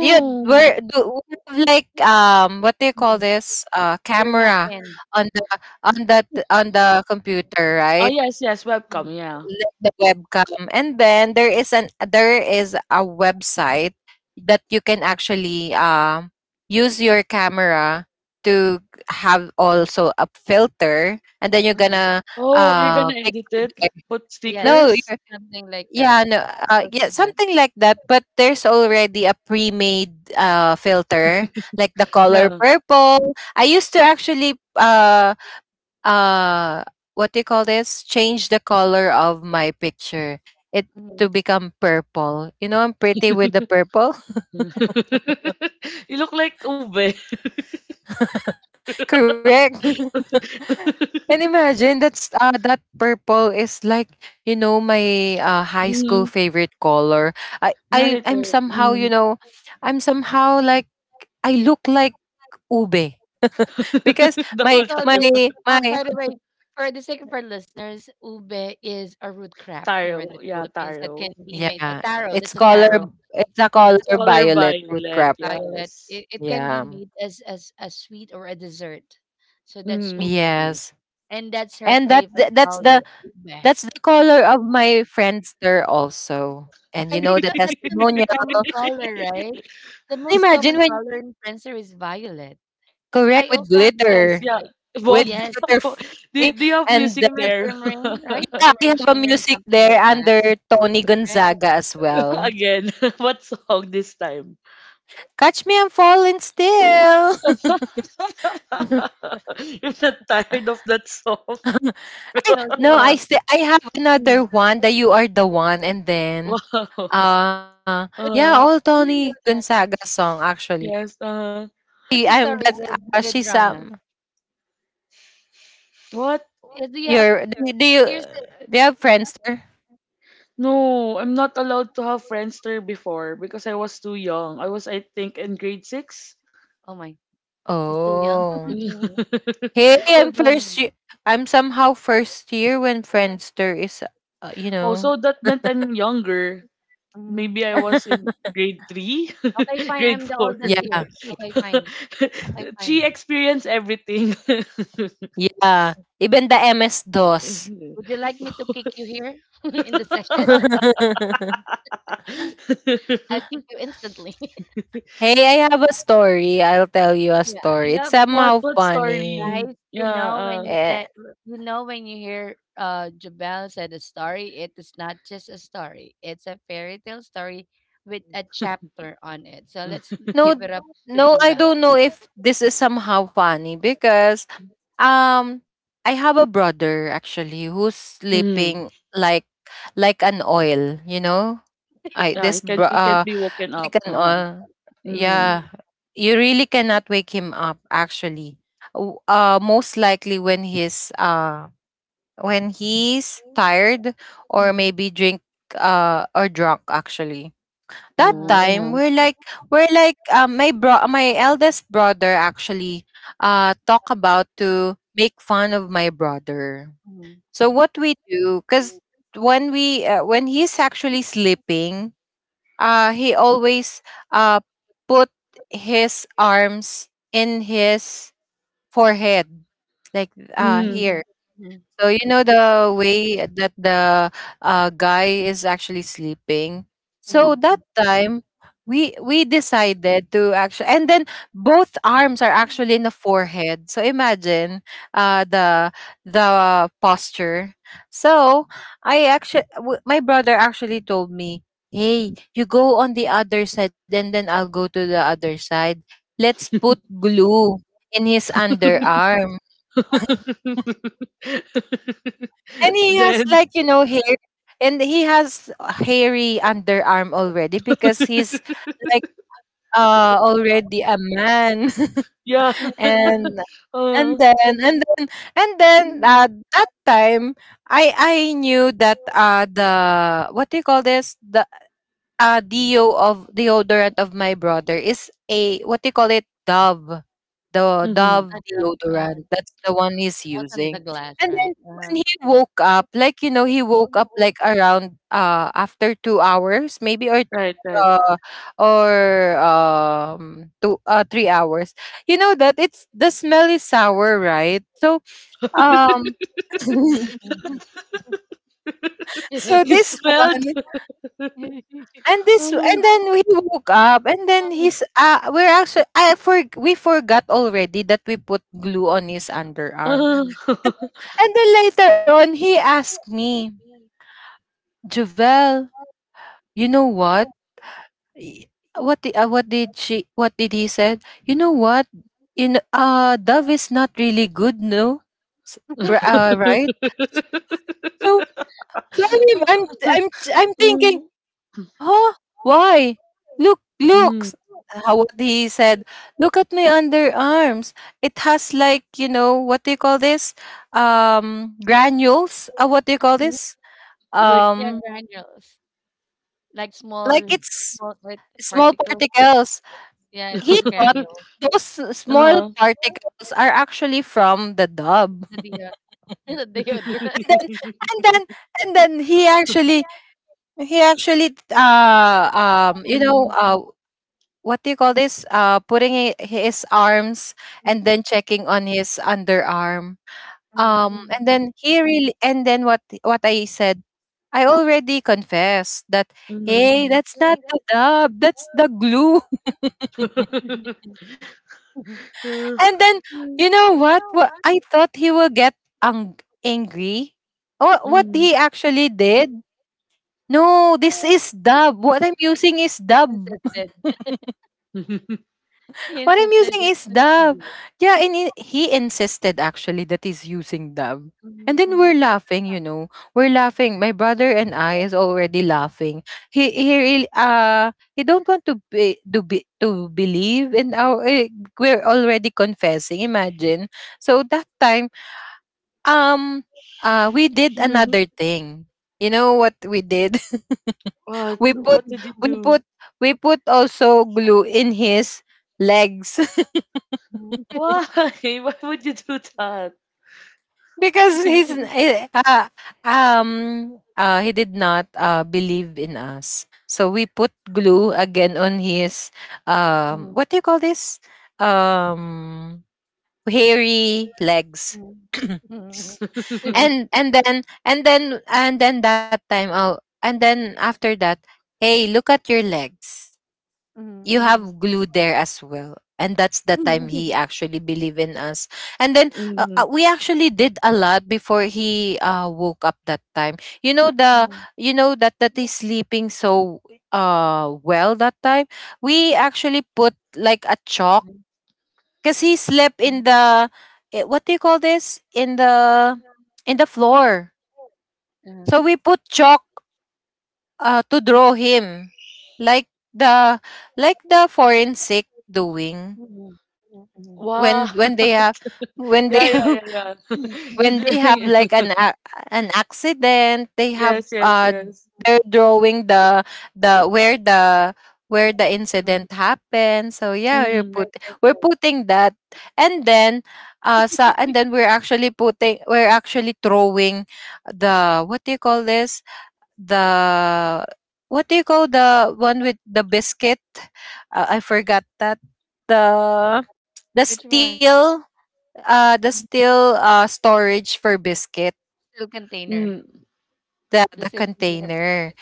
Do you were Do we have like what do you call
mm.
this,
You're not
camera
in.
on the on the computer,
Oh,
right?
yes, yes,
Mm.
webcam, yeah.
Like the webcam. And then there is an there is a website that you can actually use your camera to have also a filter, and then you're
Mm.
gonna
Oh, you're gonna edit
picture
it?
there.
Put
Yes,
No,
stickers?
you're
something like that,
yeah, no,
close
yeah,
to that.
something like that. But there's already a pre-made filter, like the color
No.
purple. I used to actually uh what do you call this? Change the color of my picture. It To
Mhm.
become purple. You know, I'm pretty with the
[laughs]
purple.
You look like Ube.
[laughs] Correct. [laughs] And
[laughs]
imagine that's that purple is like my high school
Mm,
favorite color. I I
right,
I'm
right.
somehow, you
Mm.
know I'm somehow, like, I look like ube, because
[laughs] The
What do you
my
whole
call
my
time.
this?
[laughs]
Um,
my
by the way, for the sake of our listeners, ube is a root crop here in the
Taro, yeah,
Philippines that can
Taro.
be made a
yeah,
taro.
it's
That's a
color,
taro.
it's a
It's
color
a color
Color
violet root
violet,
crap.
violet.
yes.
It can be
Yeah,
made as a sweet or a dessert. So that's
Mm.
ube is,
yes.
and that's her
And
favorite color, ube.
that's the color of my Friendster also. And you
I
know
think
the
that that's the most
testimonial.
common color, right?
[laughs]
The most
Imagine
common
when.
color in Prancer is violet. Because
Correct,
I also have mine is
Yes, yeah.
violet.
with
Well,
Yes,
glitter
[laughs]
fly.
do you have
the
And
music
then,
there?
shimmering, right?
yeah,
[laughs]
we
Shimmering,
have a
shimmering,
music
something
there
like that,
under Tony
right?
Gonzaga as well.
Again, [laughs] what song this time?
Catch Me, I'm Falling Still.
[laughs]
[laughs]
You're not tired of that song? [laughs]
I
No, she
No,
won't.
I have another one that You Are the One, and then
Wow.
uh
What's
yeah,
Uh,
that?
all
I didn't know
Tony
that.
Gonzaga song actually.
yes.
What's
She,
the
I'm
story
that's
with with
she's
Rana?
What?
Yeah, do you have,
your do, you- do you
here's the
do you have Friendster?
No, I'm not allowed to have Friendster before because I was too young. I was, I think, in grade six.
oh my, she's too young.
[laughs]
Oh.
Yeah.
[laughs]
Hey,
You're
I'm
old.
first year. I'm somehow first year when Friendster is, uh, you know.
Also, that meant I'm younger.
Mm,
Maybe I
mm.
was
[laughs]
in grade three,
Okay,
[laughs]
fine.
grade
I'm the
four.
Yeah,
oldest here. Okay, fine.
[laughs]
Okay,
She
fine.
experienced everything.
yeah. Even the MS-DOS.
[laughs]
Would you like me to kick you here [laughs] in the session?
[laughs]
I'll kick you instantly. [laughs]
Hey, I have a story. I'll tell you a
Yeah, I
story. It's
love.
What
somehow funny.
story?
Guys,
Yeah.
Eh,
you know when you hear Jabelle said a story, it is not just a story. It's a fairy tale story with a chapter on it. So
Uh,
let's
no,
give it up to
no, I
Jabelle.
don't know if this is somehow funny, because I have a brother actually who's
mm,
sleeping like an oil. You know, I
yeah.
this bro-
He can't
uh
be woken
like
up.
an
Uh huh.
all,
Mm-hmm.
yeah. You really cannot wake him up actually. Most likely when he's tired, or
Mm-hmm.
maybe drink or drunk actually. That
Uh-huh.
Oh.
time
Uh-huh.
we're like my eldest brother actually talk about to make fun of my brother.
Mm-hmm.
So what we do, cuz when he's actually sleeping, he always, uh, put his arms in his forehead, like,
Mm.
here.
Mm.
So you know the way that the guy is actually sleeping. So that time we decided to actually, and then both arms are actually in the forehead. So imagine the posture. So I actually my brother actually told me, "Hey, you go on the other side and then I'll go to the other side. Let's put glue in his
Mm-hmm.
underarm."
[laughs]
And he has,
Then
like, you know, hair, and he has a hairy underarm already because he's
[laughs]
like already a man.
yeah.
[laughs]
[laughs]
and and
Uh,
then and then and then that time I knew that the what do you call this? The deodorant of my brother is a what do you call it, Dove, the
mhm.
[clears throat]
dove
I love
deodorant. That's the one he's
what's under
using.
the glass,
And then
right?
when
Uh-huh.
he woke up like you know he woke up, like, around after 2 hours maybe,
Right, right.
uh, or two 3 hours. You know that it's the smell is sour, right? So um
[laughs]
[laughs]
Hmm.
so
[laughs]
this
It's
one.
bad.
And this and
Uh,
then we woke up, and then he's we're actually I for we forgot already that we put glue on his underarm.
uh,
Mhm.
And,
uh.
and then later on, he asked me, "Javel, you know what? Y- What the, what did he said? You know what? In Dove is not really good, no?" S- right? So
[laughs]
so I'm I'm I'm I'm thinking,
Mm,
"Huh? Why?" Look,
mm.
looks how, what he said, "Look at my underarms. It has, like, you know, what do you call this?
S-
Granules. What do you call this?
Like, [laughs]
Yeah,
Um
granules. Like
like,
small
it's
small like
small
particles.
particles."
Yeah,
He
those
thought
granules.
those
uh,
small particles are actually from the Dub.
The [laughs] the deodorant.
And then
[laughs]
and then and then he actually you know
mm,
what do you call this? Putting his arms and then checking on his underarm. And then he really, and then what I said, I already confessed that,
mm.
"Hey, that's not the Dub, that's the glue." [laughs]
[laughs] Uh,
And then, you know what? What I thought, he will get ang- angry. What he
mm.
actually did? "No, this is Dub. What I'm using is Dub."
Insisted.
[laughs]
He
What I'm
insisted that
using
it
is
was
Dove.
me.
Yeah, and he insisted actually that he's using Dove. And then we're laughing. We're laughing. My brother and I is already laughing. He really he don't want to believe in our, we're already confessing. Imagine. So that time, um we did another
[laughs]
thing. You know what we did? [laughs] We
What?
put
What did you
we put
do?
we put also glue in his legs.
Mhm.
[laughs]
Why? [laughs] Why would you do that?
Because
[laughs]
um he did not, believe in us. So we put glue again on his
Mhm.
what do you call this, Um hairy legs.
Mhm.
[clears throat]
Mhm. Eh.
[laughs]
And then and then and then that time, and then after that, "Hey, look at your legs. You
Mhm.
have glue there as well." And that's the time
Mhm.
he actually believed in us. And then,
Mm.
we actually did a lot before he, woke up that time. You know the
Mhm.
you know that that he's sleeping, so well, that time we actually put, like, a
Mhm.
chalk, because he slept
Mhm.
in the, what do you call this, in the floor.
Uh.
So we put chalk, to draw him like the forensic doing,
Mhm. Mhm. Mhm.
Why?
when
Mhm.
when they have, when they
Yeah, yeah,
[laughs]
yeah, yeah. [laughs]
when they have,
It's
like,
[laughs]
an an accident, they have
yes, yes, yes.
they're drawing the where the incident happened. So yeah,
Mm,
we're putting that. And then so and then we're actually putting we're actually throwing the what do you call this the what do you call, the one with the biscuit, I forgot that, the the
Which one?
steel the still storage for biscuit,
Steel container.
mm,
The
the
steel container for the
container.
biscuit.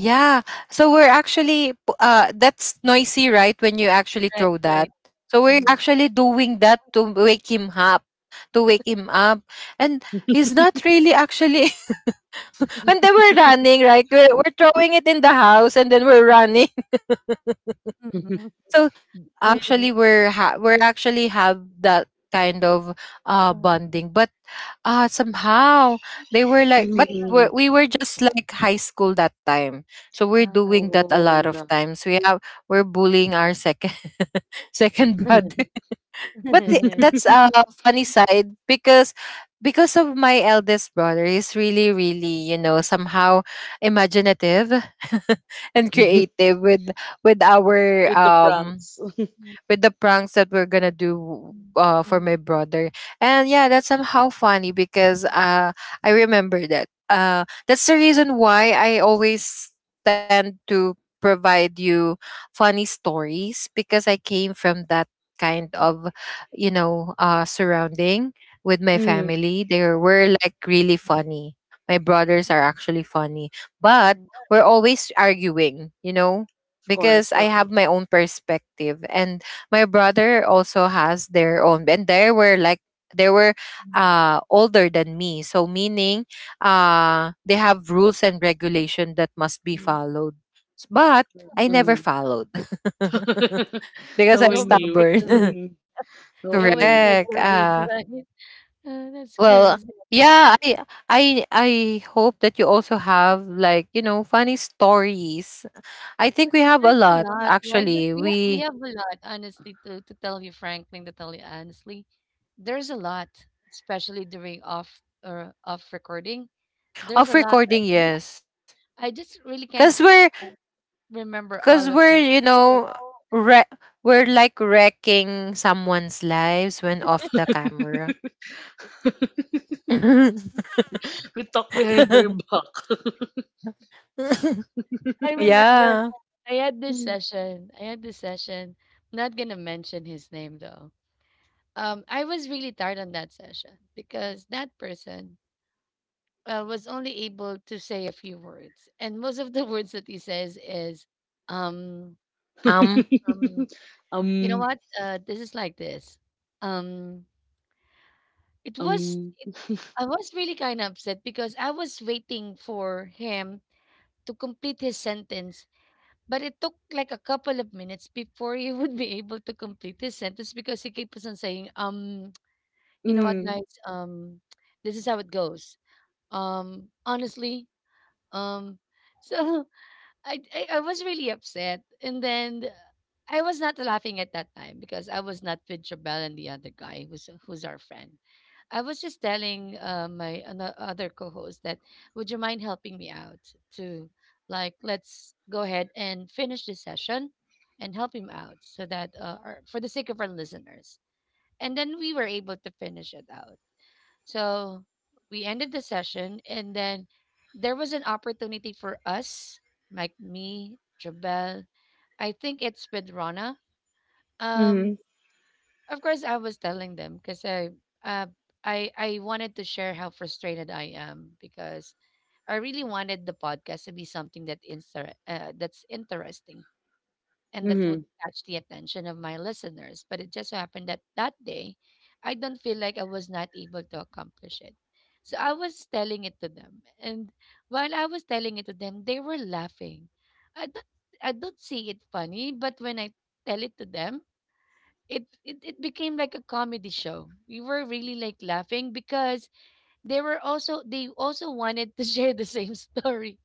uh
So we're actually, that's noisy, right, when you actually
Right,
throw
right.
that. So we're
Mhm.
actually doing that to wake him up. And he's not really actually. [laughs] And then we're running, right? We're throwing it in the house, and then we're running. [laughs]
[laughs] mm,
So actually,
[laughs]
we're we're actually have that kind of
Uh-huh.
bonding. But somehow, they were like, but
mm.
we were just, like, high school that time. So we're
Uh.
doing that a lot
Oh,
of
yeah.
times. We're bullying our second [laughs] second
[laughs]
brother.
[laughs]
[laughs] But that's a funny side because of my eldest brother is really really, you know, somehow imaginative [laughs] and creative with with our
With the
um
pranks.
Mhm.
with the pranks that we're gonna do for my brother. And yeah, that's somehow funny because, I remember that. That's the reason why I always tend to provide you funny stories because I came from that kind of, you know, surrounding with my
Mm,
family. They were like really funny. My brothers are actually funny, but we're always arguing, you know,
of
because
course,
I
yeah.
have my own perspective and my brother also has their own, and they were like they were older than me, so meaning they have rules and regulation that must be followed. But I never
Mhm.
Hmm.
followed
[laughs]
[laughs] because
You
I'm
Knowing
always break
you.
stubborn.
the rules.
Hmm.
[laughs]
You
Knowing
always
you.
break the
Correct.
rules, right? [laughs] Oh, that's
Well,
crazy.
yeah, i I hope that you also have, like, you know, funny stories. I think we have a
There's a
lot,
lot, right?
actually.
We have, we
We
have a lot, honestly, to tell you, Franklin, to tell you honestly. There's a lot, especially during off or off recording. There's
Of
a lot. I,
recording,
I just
yes,
I just really
because
can't
we're
um, remember
cause
all of
we're,
them.
you
But there's a
know,
lot.
re- we're like wrecking someone's lives when off the
[laughs]
camera. [laughs]
We talk behind their back.
I
[laughs]
remember,
Yeah.
I had this
Mm.
session. Not gonna mention his name though. I was really tired on that session because that person was only able to say a few words, and most of the [laughs] words that he says is, um,
Um.
[laughs]
um, you know
um,
what? This is like this. Um, it was.
um,
I was really kind of upset because I was waiting for him to complete his sentence, but it took like a couple of minutes before he [laughs] would be able to complete his sentence because he kept on saying, you know what,
mm,
guys, this is how it goes. Honestly, um, [laughs] so I was really upset, and then I was not laughing at that time because I was not with Jabel and the other guy who's our friend. I was just telling my other co-host that would you mind helping me out to, like, let's go ahead and finish this session and help him out so that, for the sake of our listeners. And then we were able to finish it out. So we ended the session, and then there was an opportunity for us, like me, Jabel. I think it's with Rana. Um,
mm,
of course, I was telling them because uh, I wanted to share how frustrated I am because I really wanted the podcast to be something that that's interesting and that would
mm.
catch the attention of my listeners. But it just so happened that that day, I don't feel like I was not able to accomplish it. So I was telling it to them, and while I was telling it to them, they were laughing. I don't, I don't see it funny, but when I tell it to them, it became like a comedy show. We were really like laughing because they also wanted to [laughs] share the same story.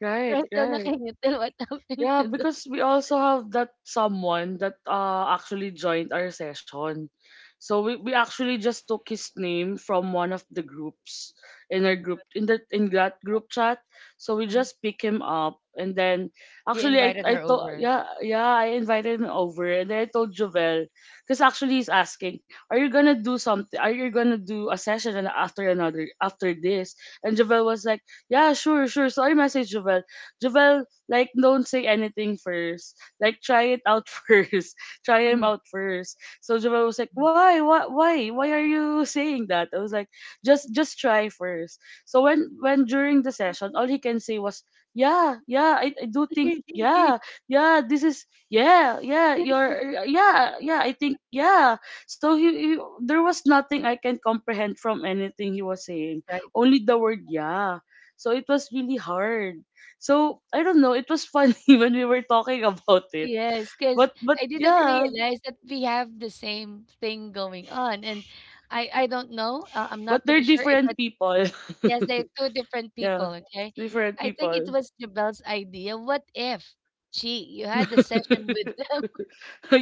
Right,
Right? So
right.
nakingiti what happened
Yeah,
to them.
because we also have that someone that actually joined our session. So we actually just took his name from one of the groups in our group in that group chat. So we just pick him up and then
He
actually I
invited
I
her
told
over.
yeah yeah I invited him over and then I told Jovel because actually he's asking are you gonna do something are you gonna do a session and after another after this and Jovel was like yeah sure sure so I messaged Jovel Jovel like, don't say anything first. Like, try it out [laughs] first. Try him out
[laughs]
first. So Joel was like, why are you [laughs] saying that? I was like, just try first. So when during the session, all he can say was, yeah, yeah, I do think, yeah,
[laughs]
yeah, this is, yeah, yeah, you're, yeah, yeah, I think, yeah. So he, there was nothing I can comprehend from anything he was saying.
Right.
Only the word yeah. So it was really hard. So I don't know. It was funny [laughs] when we were talking about it.
Yes, because
But
I didn't
yeah,
realize that we have the same thing going on. And I don't know. I'm
but
not
they're
pretty sure. If,
different
but
people.
yes, they're two different
[laughs]
people.
Yeah,
Okay.
different
I think it
people.
was Jabel's idea. What if, gee, you had
[laughs]
the session with them? [laughs]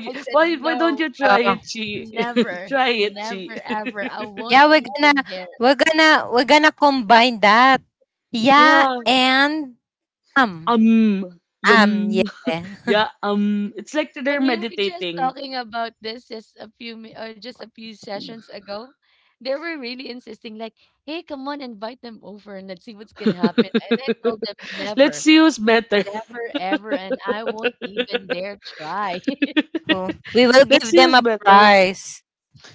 I said,
why don't
no,
you try it,
uh,
she? [laughs]
never,
Try it, she.
never,
[laughs]
ever. I won't
yeah,
[laughs] even dare.
we're gonna combine that. Yeah,
Yeah.
and um,
Yum.
yeah. [laughs]
Yeah. It's like they're
And we were just
meditating.
talking about this just a few mi- or just a few sessions ago. They were really insisting, like, "Hey, come on, invite them over and let's see what's gonna happen."
[laughs]
And I told them,
Let's
"Never,
see who's better.
never,
[laughs]
ever, and I won't even dare try. [laughs]
Oh, we will
Let's
give
see
them
who's
a
better.
prize.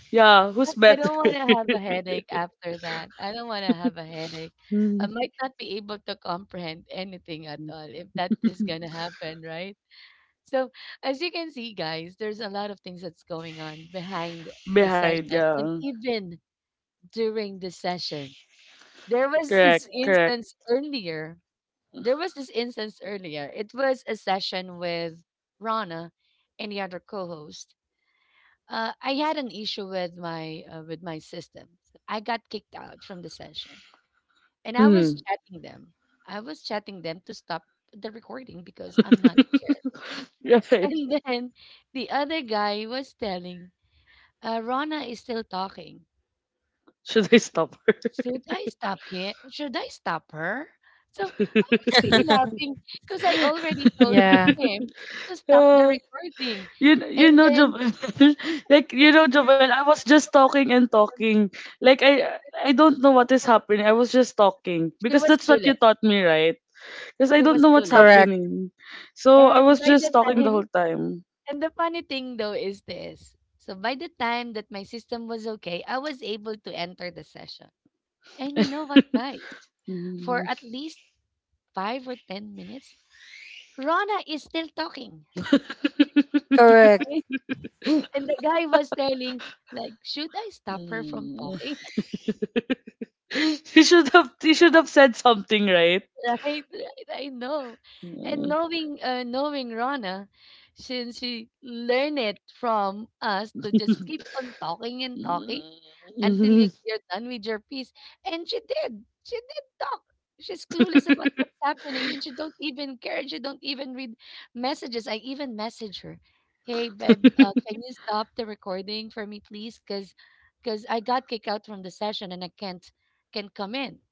Yeah, who's
I
better?
don't want to have a headache after that. I don't want to have a headache. I
[laughs]
might not be able to comprehend anything at all if that is gonna happen, right?" So, as you can see, guys, there's a lot of things that's going on behind the
Behind,
session and
yeah.
even during the session. There was
Correct,
this
correct.
instance earlier. There was this instance earlier. It was a session with Rana and the other co-host. I had an issue with my system. I got kicked out from the session, and I was
Mm.
chatting them. I was chatting them to stop the recording because I'm
[laughs]
not there. [laughs]
Right.
And then the other guy was telling, "Rana is still talking."
Should I stop her?
Should I stop him? Should I stop her? So I was [laughs]
[laughs]
really
[laughs]
laughing because I already told
Yeah.
him to stop the
Yeah.
recording.
You
And
know
then
Jovel, [laughs] like you know Jovel,
[laughs]
I was just talking and talking. Like I don't know what is happening. I was just talking
she
because
was
that's what you
clueless.
taught me, right? Because I
She
don't
was
know what's
clueless.
Correct.
happening, so I
And
was
by
just
the
talking the whole
time,
time.
and the funny thing though is this. So by the time that my system was okay, I was able to enter the session. And you know what, guys? For
Mm.
at least five or 10 minutes, Rona is still talking,
[laughs]
Correct.
okay? And the guy was telling, like, "Should I stop her from
Mm.
talking?" [laughs]
[laughs] He should have said something, right?
Right, right, I know. And
[laughs]
knowing Rona, since she learned it from us to just keep on talking and talking, until you're done with your piece. And she did. She did talk. She's clueless about what's happening and she don't even care. She don't even read messages. I even message her. Hey, babe, can you stop the recording for me, please? Because I got kicked out from the session and I can't can come in.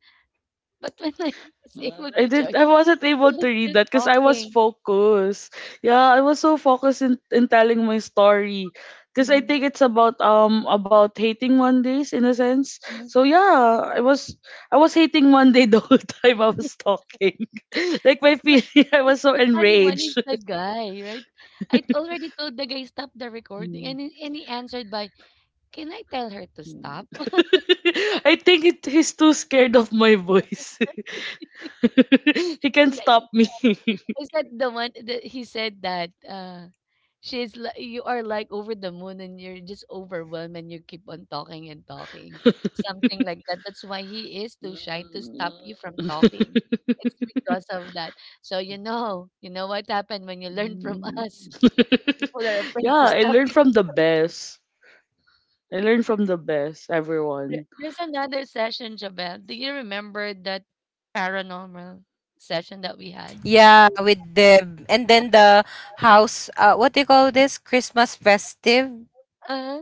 But when [laughs] I was able to join,
I wasn't able
she
to
was
read
still
that because I was
talking.
focused. Yeah, I was so focused in telling my story. Because I think it's about hating Mondays in a sense. So yeah, I was hating Monday the whole [laughs] time I was talking. [laughs] Like my
The,
feeling I was so
the funny one is
enraged.
the guy, right? I already told the guy stop the recording, and
[laughs]
he answered by, "Can I tell her to stop?"
[laughs] I think it, he's too scared of my voice.
[laughs]
[laughs] He can't
And I
stop me. [laughs]
I said, the one that he said that, you are like over the moon, and you're just overwhelmed, and you keep on talking and talking, something like that. That's why he is too shy to stop you from talking. It's because of that, so you know, you know what happened when you learn from [laughs] us, people are
Yeah,
afraid to
I
stop
learned
you.
from the best. I learned from the best, everyone.
There's another session. Jabel, do you remember that paranormal session that we had?
Yeah, with the and then the house, uh, what do you call this? Christmas festive.
Uh-huh.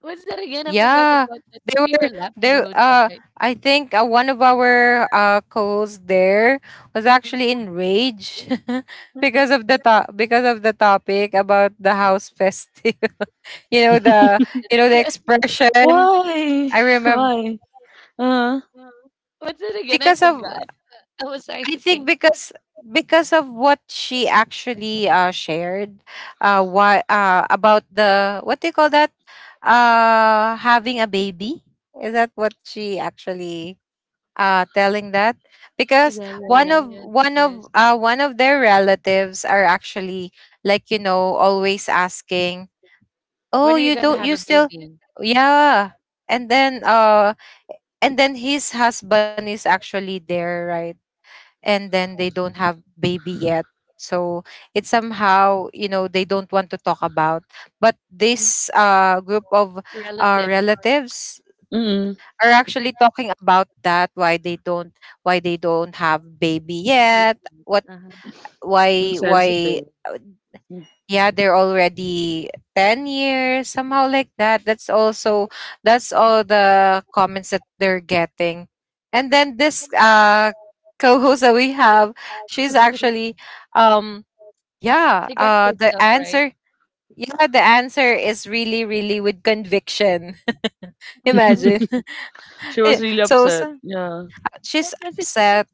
What's that again? I forgot
Yeah.
about that, but
There
we were
were
laughing the
there
whole time,
uh
right? [laughs]
I think, one of our co-hosts there was actually enraged [laughs] because of the because of the topic about the house festive. [laughs] You know the,
[laughs]
you know the
Yeah.
expression.
Why?
I remember
Why? Uh,
What's that again? I
because of,
forgot. I was trying
I
to
think,
think.
because of what she actually, shared, what, about the, what do you call that? Having a baby, is that what she actually telling that? Because
Yeah, yeah,
one
yeah,
of
yeah.
one
Yes.
of uh one of their relatives are actually, like, you know, always asking,
When
oh,
are you
you
gonna
don't,
have
you
a
still.
baby?
Yeah, and then uh and then his husband is actually there, right, and then they don't have baby yet, so it's somehow, you know, they don't want to talk about. But this, group of
Relative
relatives
mm
are actually talking about that, why they don't, why they don't have baby
baby.
yet, what,
Uh-huh.
why, why.
insensitive. Mm.
Yeah, they're already 10 years, somehow like that. That's also, that's all the comments that they're getting. And then this, uh, [laughs] co-host that we have, she's actually, um, yeah,
She got pissed
the
off, right?
answer, yeah, the answer is really really with conviction. [laughs]
[laughs]
Imagine. [laughs]
[laughs] She was
Eh,
really upset.
so
Yeah,
What
she's
does it? [laughs]
upset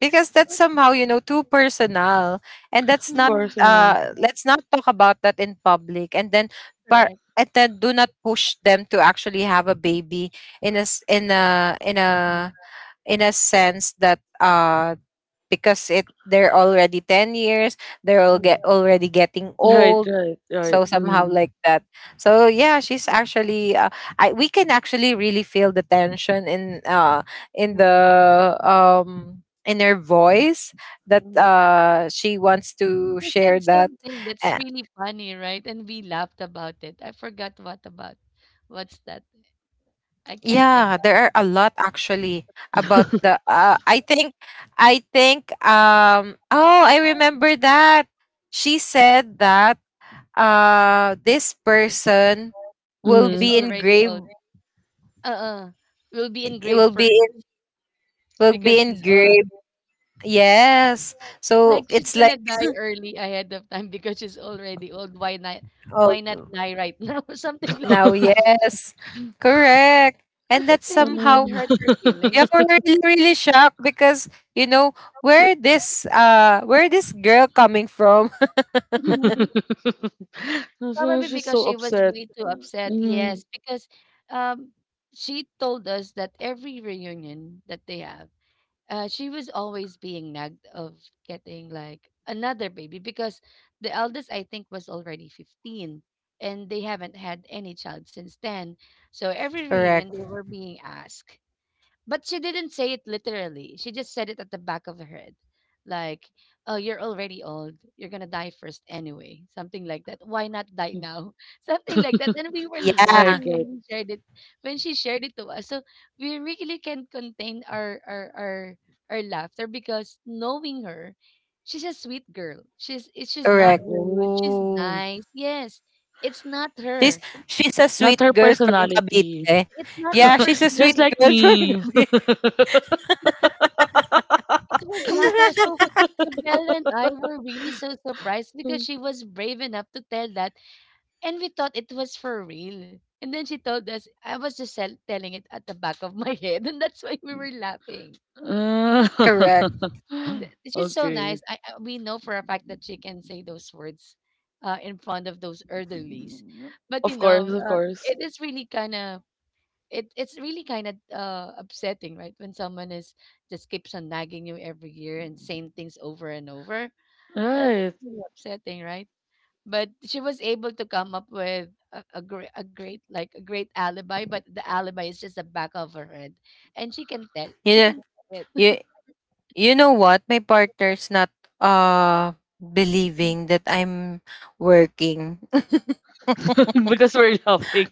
because that's
What.
somehow, you know, too personal, and that's
of
not,
Mhm.
course, you know.
uh, let's not talk about that in public. And then,
Correct.
and then do not push them to actually have a baby in a in a, in a, in a sense that, uh, because it, they're already 10 years, they're all get already getting
Right,
old,
right,
so
right.
somehow
Mm.
like that. So yeah, she's actually, I, we can actually really feel the tension in, uh, in the um, in her voice, that she wants to
She
share
said
that.
something that's
Uh,
really funny, right? And we laughed about it. I forgot what about. What's that? I can't think.
yeah, there are a lot, actually, about the,
[laughs]
I think, I think, um, oh, I remember that. She said that, uh, this person will
It's
Mm.
be
already
engraved,
old. Uh-uh. Will be
it will
engraved
be,
first
will
because
be
she's old.
engraved. Yes. So
Like she's
it's
gonna
like,
die early ahead of time because she's already old. Why not?
oh,
Why not die right now? [laughs] Something like
now,
that.
[laughs]
yes. Correct. And
Because it
that's
really
somehow,
did hurt her
Ah.
yeah,
feelings.
we're really, really shocked because, you know, where this, where this girl coming from.
[laughs] So
Probably
she's
because
so
she was
upset.
really too upset.
Mm.
Yes, because um, she told us that every reunion that they have, she was always being nagged of getting like another baby because the eldest I think was already 15 and they haven't had any child since then. So
[laughs]
every reunion
Correct.
they were being asked. But she didn't say it literally. She just said it at the back of her head. Like, oh, you're already old. You're going to die first anyway. Something like that. Why not die now? [laughs] Something like that. And we were
Right,
Yeah,
laughing when
right.
we
[laughs]
shared it, when she shared it to us. So we really can't contain our laughter because knowing her, she's a sweet girl. She's not
correct.
rude. She's
Oh,
nice. Yes. It's not
she's
her.
she's a
not
sweet
her
girl from
personality.
Cavite.
It's not
Yeah,
her
she's a sweet
Just like
personality.
girl [laughs] from
me.
Cavite.
It was not her. So, Bella and I were really so surprised because she was brave enough to tell that, and we thought it was for real. And then she told us, I was just telling it at the back of my [laughs] head, and that's why we were laughing.
Correct.
[laughs]
She's so
Okay.
nice. I we know for a fact that she can say those words, in front of those elderlies, but
Of course, of course.
it is really kind of it. It's really kind of upsetting, right? When someone is just keeps on nagging you every year and saying things over and over that's
Right.
really upsetting, right? But she was able to come up with a great alibi. But the alibi is just the back of her head, and she can tell.
You
She
know,
can tell it.
you you know what, my partner's not, uh, believing that I'm working. [laughs]
[laughs] Because we're laughing.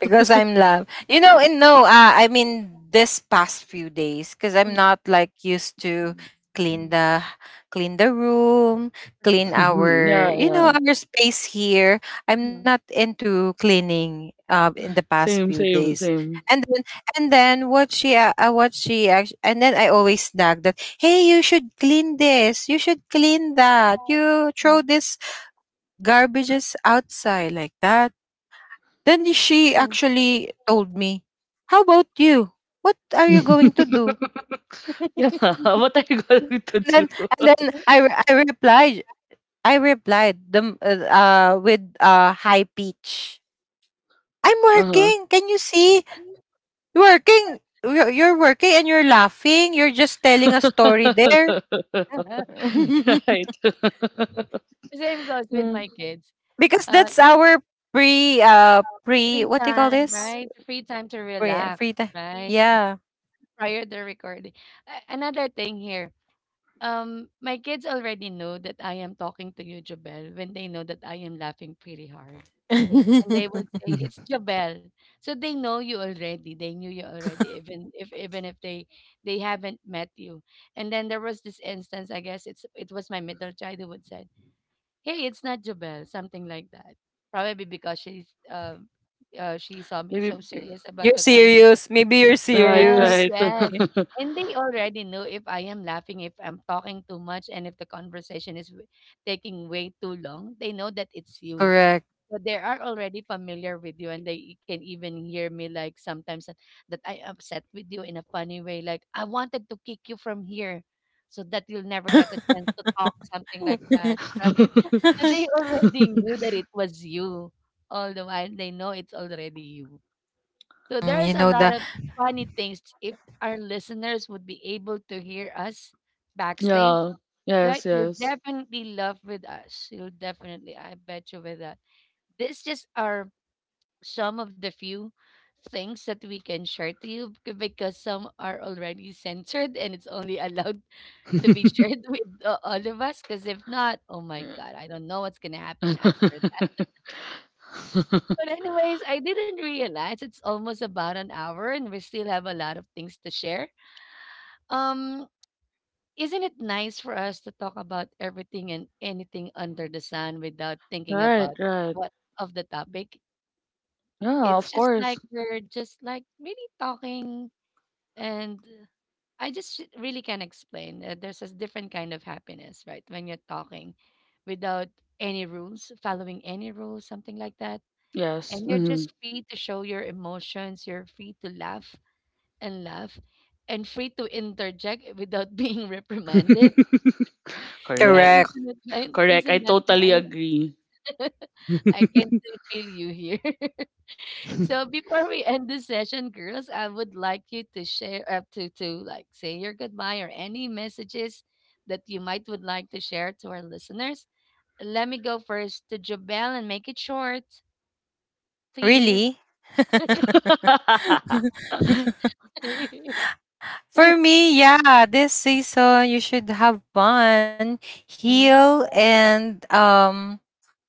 Because I'm love. You know, and no, I mean, this past few days, because I'm not like used to clean the clean the room, clean
[laughs]
our,
Yeah,
you know,
yeah.
our space here. I'm not into cleaning, in the past
Same,
few
same,
days.
same.
And then, and then what she actually, and then I always nag that, hey, you should clean this, you should clean that, you throw
[laughs]
this garbages outside, like that. Then she actually told me, "How about you? What are you going to do?"
[laughs] Yeah, [laughs]
And
what are you going to do?
then,
[laughs]
I replied, I replied them with a high pitch. I'm
Uh-huh.
working. Can you see? You're working. You're working and you're laughing. You're just telling a story there.
[laughs]
[laughs]
[laughs] Right. [laughs]
Same goes with
Hmm.
my kids.
Because
Uh,
that's our pre pre,
Free
what do you call
time,
this?
right? Free time to
Pre
relax,
free time.
right?
Yeah.
Prior to recording. Another thing here. My kids already know that I am talking to you, Jobel, when they know that I am laughing pretty hard. And they would
[laughs]
say it's Jabel. So they know you already. They knew you already, even if they they haven't met you. And then there was this instance. I guess it was my middle child who would said, "Hey, it's not Jabel," something like that. Probably because she's she saw me
Maybe
so serious about
You're
the conversation.
serious. Maybe you're
right,
Yes,
serious.
right.
yes.
[laughs]
And they already know if I am laughing, if I'm talking too much, and if the conversation is taking way too long. They know that it's you.
Correct.
So they are already familiar with you, and can even hear me like sometimes that I upset with you in a funny way, like I wanted to kick you from here, so that you'll never get a chance
[laughs]
to talk, something like that, [laughs] right? So they already knew that it was you all the while. They know it's already you. So there's
Mm,
a
you know
lot of
the
funny things. If our listeners would be able to hear us backstage,
Yeah. Yes,
right? You'll
yes.
definitely laugh with us. You'll definitely, I bet you with that. This just our some of the few things that we can share to you because some are already censored and it's only allowed [laughs] to be
[laughs]
shared with all of us because if not, oh my god, I don't know what's gonna happen after that. [laughs] But anyways, I didn't realize it's almost about an hour and we still have a lot of things to share. um isn't it nice for us to talk about everything and anything under the sun without thinking
Right,
about
right.
what of the topic?
Yeah,
It's
of
just
course.
like we're just like really talking. And I just really can't explain. There's a different kind of happiness, right? When you're talking without any rules, following any rules, something like that.
Yes.
And you're
Mhm.
just free to show your emotions. You're free to laugh and laugh and free to interject without being [laughs] reprimanded.
[laughs]
So
Correct.
Isn't,
correct.
it, ni- [laughs]
Correct. I
isn't that
totally
nice?
agree.
[laughs] I can still feel you here. [laughs] So before we end this session, girls, I would like you to share to like say your goodbye or any messages that you might would like to share to our listeners. Let me go first to Jabel and make it short, please.
Really? [laughs]
[laughs]
[laughs]
For me, yeah, this season you should have fun, heal, and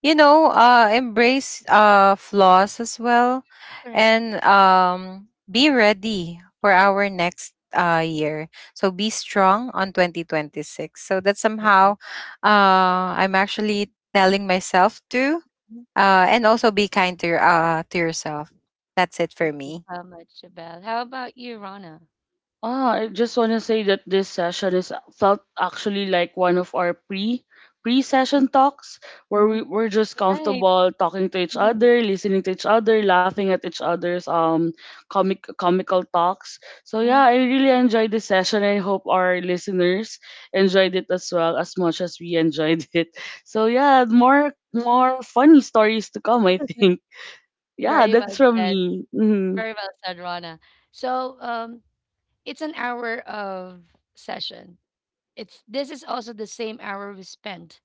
you know, embrace flaws as well,
Correct.
and be ready for our next year. So be strong on 2026. So that somehow, I'm actually telling myself to. And also be kind to your, to yourself. That's it for
Thank you
me.
so much, Jabel. How about you, Rana?
Ah, I just want to say that this session is felt actually like one of our pre session talks where we're just
Right.
comfortable talking to each other, listening to each other, laughing at each other's comical talks. So yeah, I really enjoyed this session. I hope our listeners enjoyed it as well as much as we enjoyed [laughs] it. So yeah, more funny stories to come, I think. Yeah,
Very
that's
well
from
said.
me. Hmm.
Very well said, Rana. So um, it's an hour of session. It's This is also the same hour we spent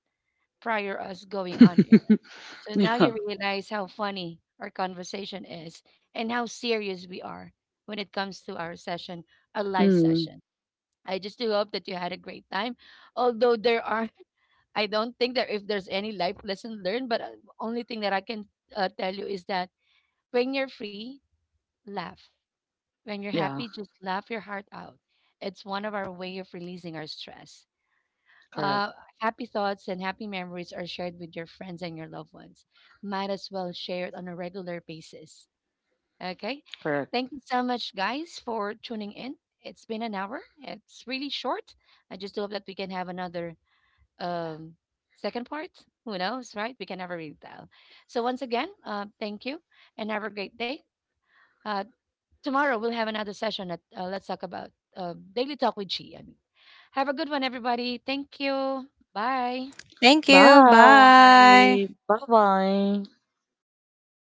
prior us going on.
[laughs]
So now
Yeah.
you realize how funny our conversation is and how serious we are when it comes to our session, a live
Mm,
session. I just do hope that you had a great time. Although there are, [laughs] I don't think that if there's any life lesson learned, but only thing that I can tell you is that when you're free, laugh. When you're
yeah,
happy, just laugh your heart out. It's one of our way of releasing our stress.
correct.
Uh, Happy thoughts and happy memories are shared with your friends and your loved ones. Might as well share it on a regular basis. Okay.
Correct.
Thank you so much, guys, for tuning in. It's been an hour. It's really short. I just hope that we can have another um, second part. Who knows, right? We can never really tell. So, once again, thank you and have a great day. Uh, Tomorrow, we'll have another session at Let's Talk About Daily Talk with Chi. I mean, have a good one, everybody. Thank you. Bye.
Thank you. Bye.
Bye. Bye-bye.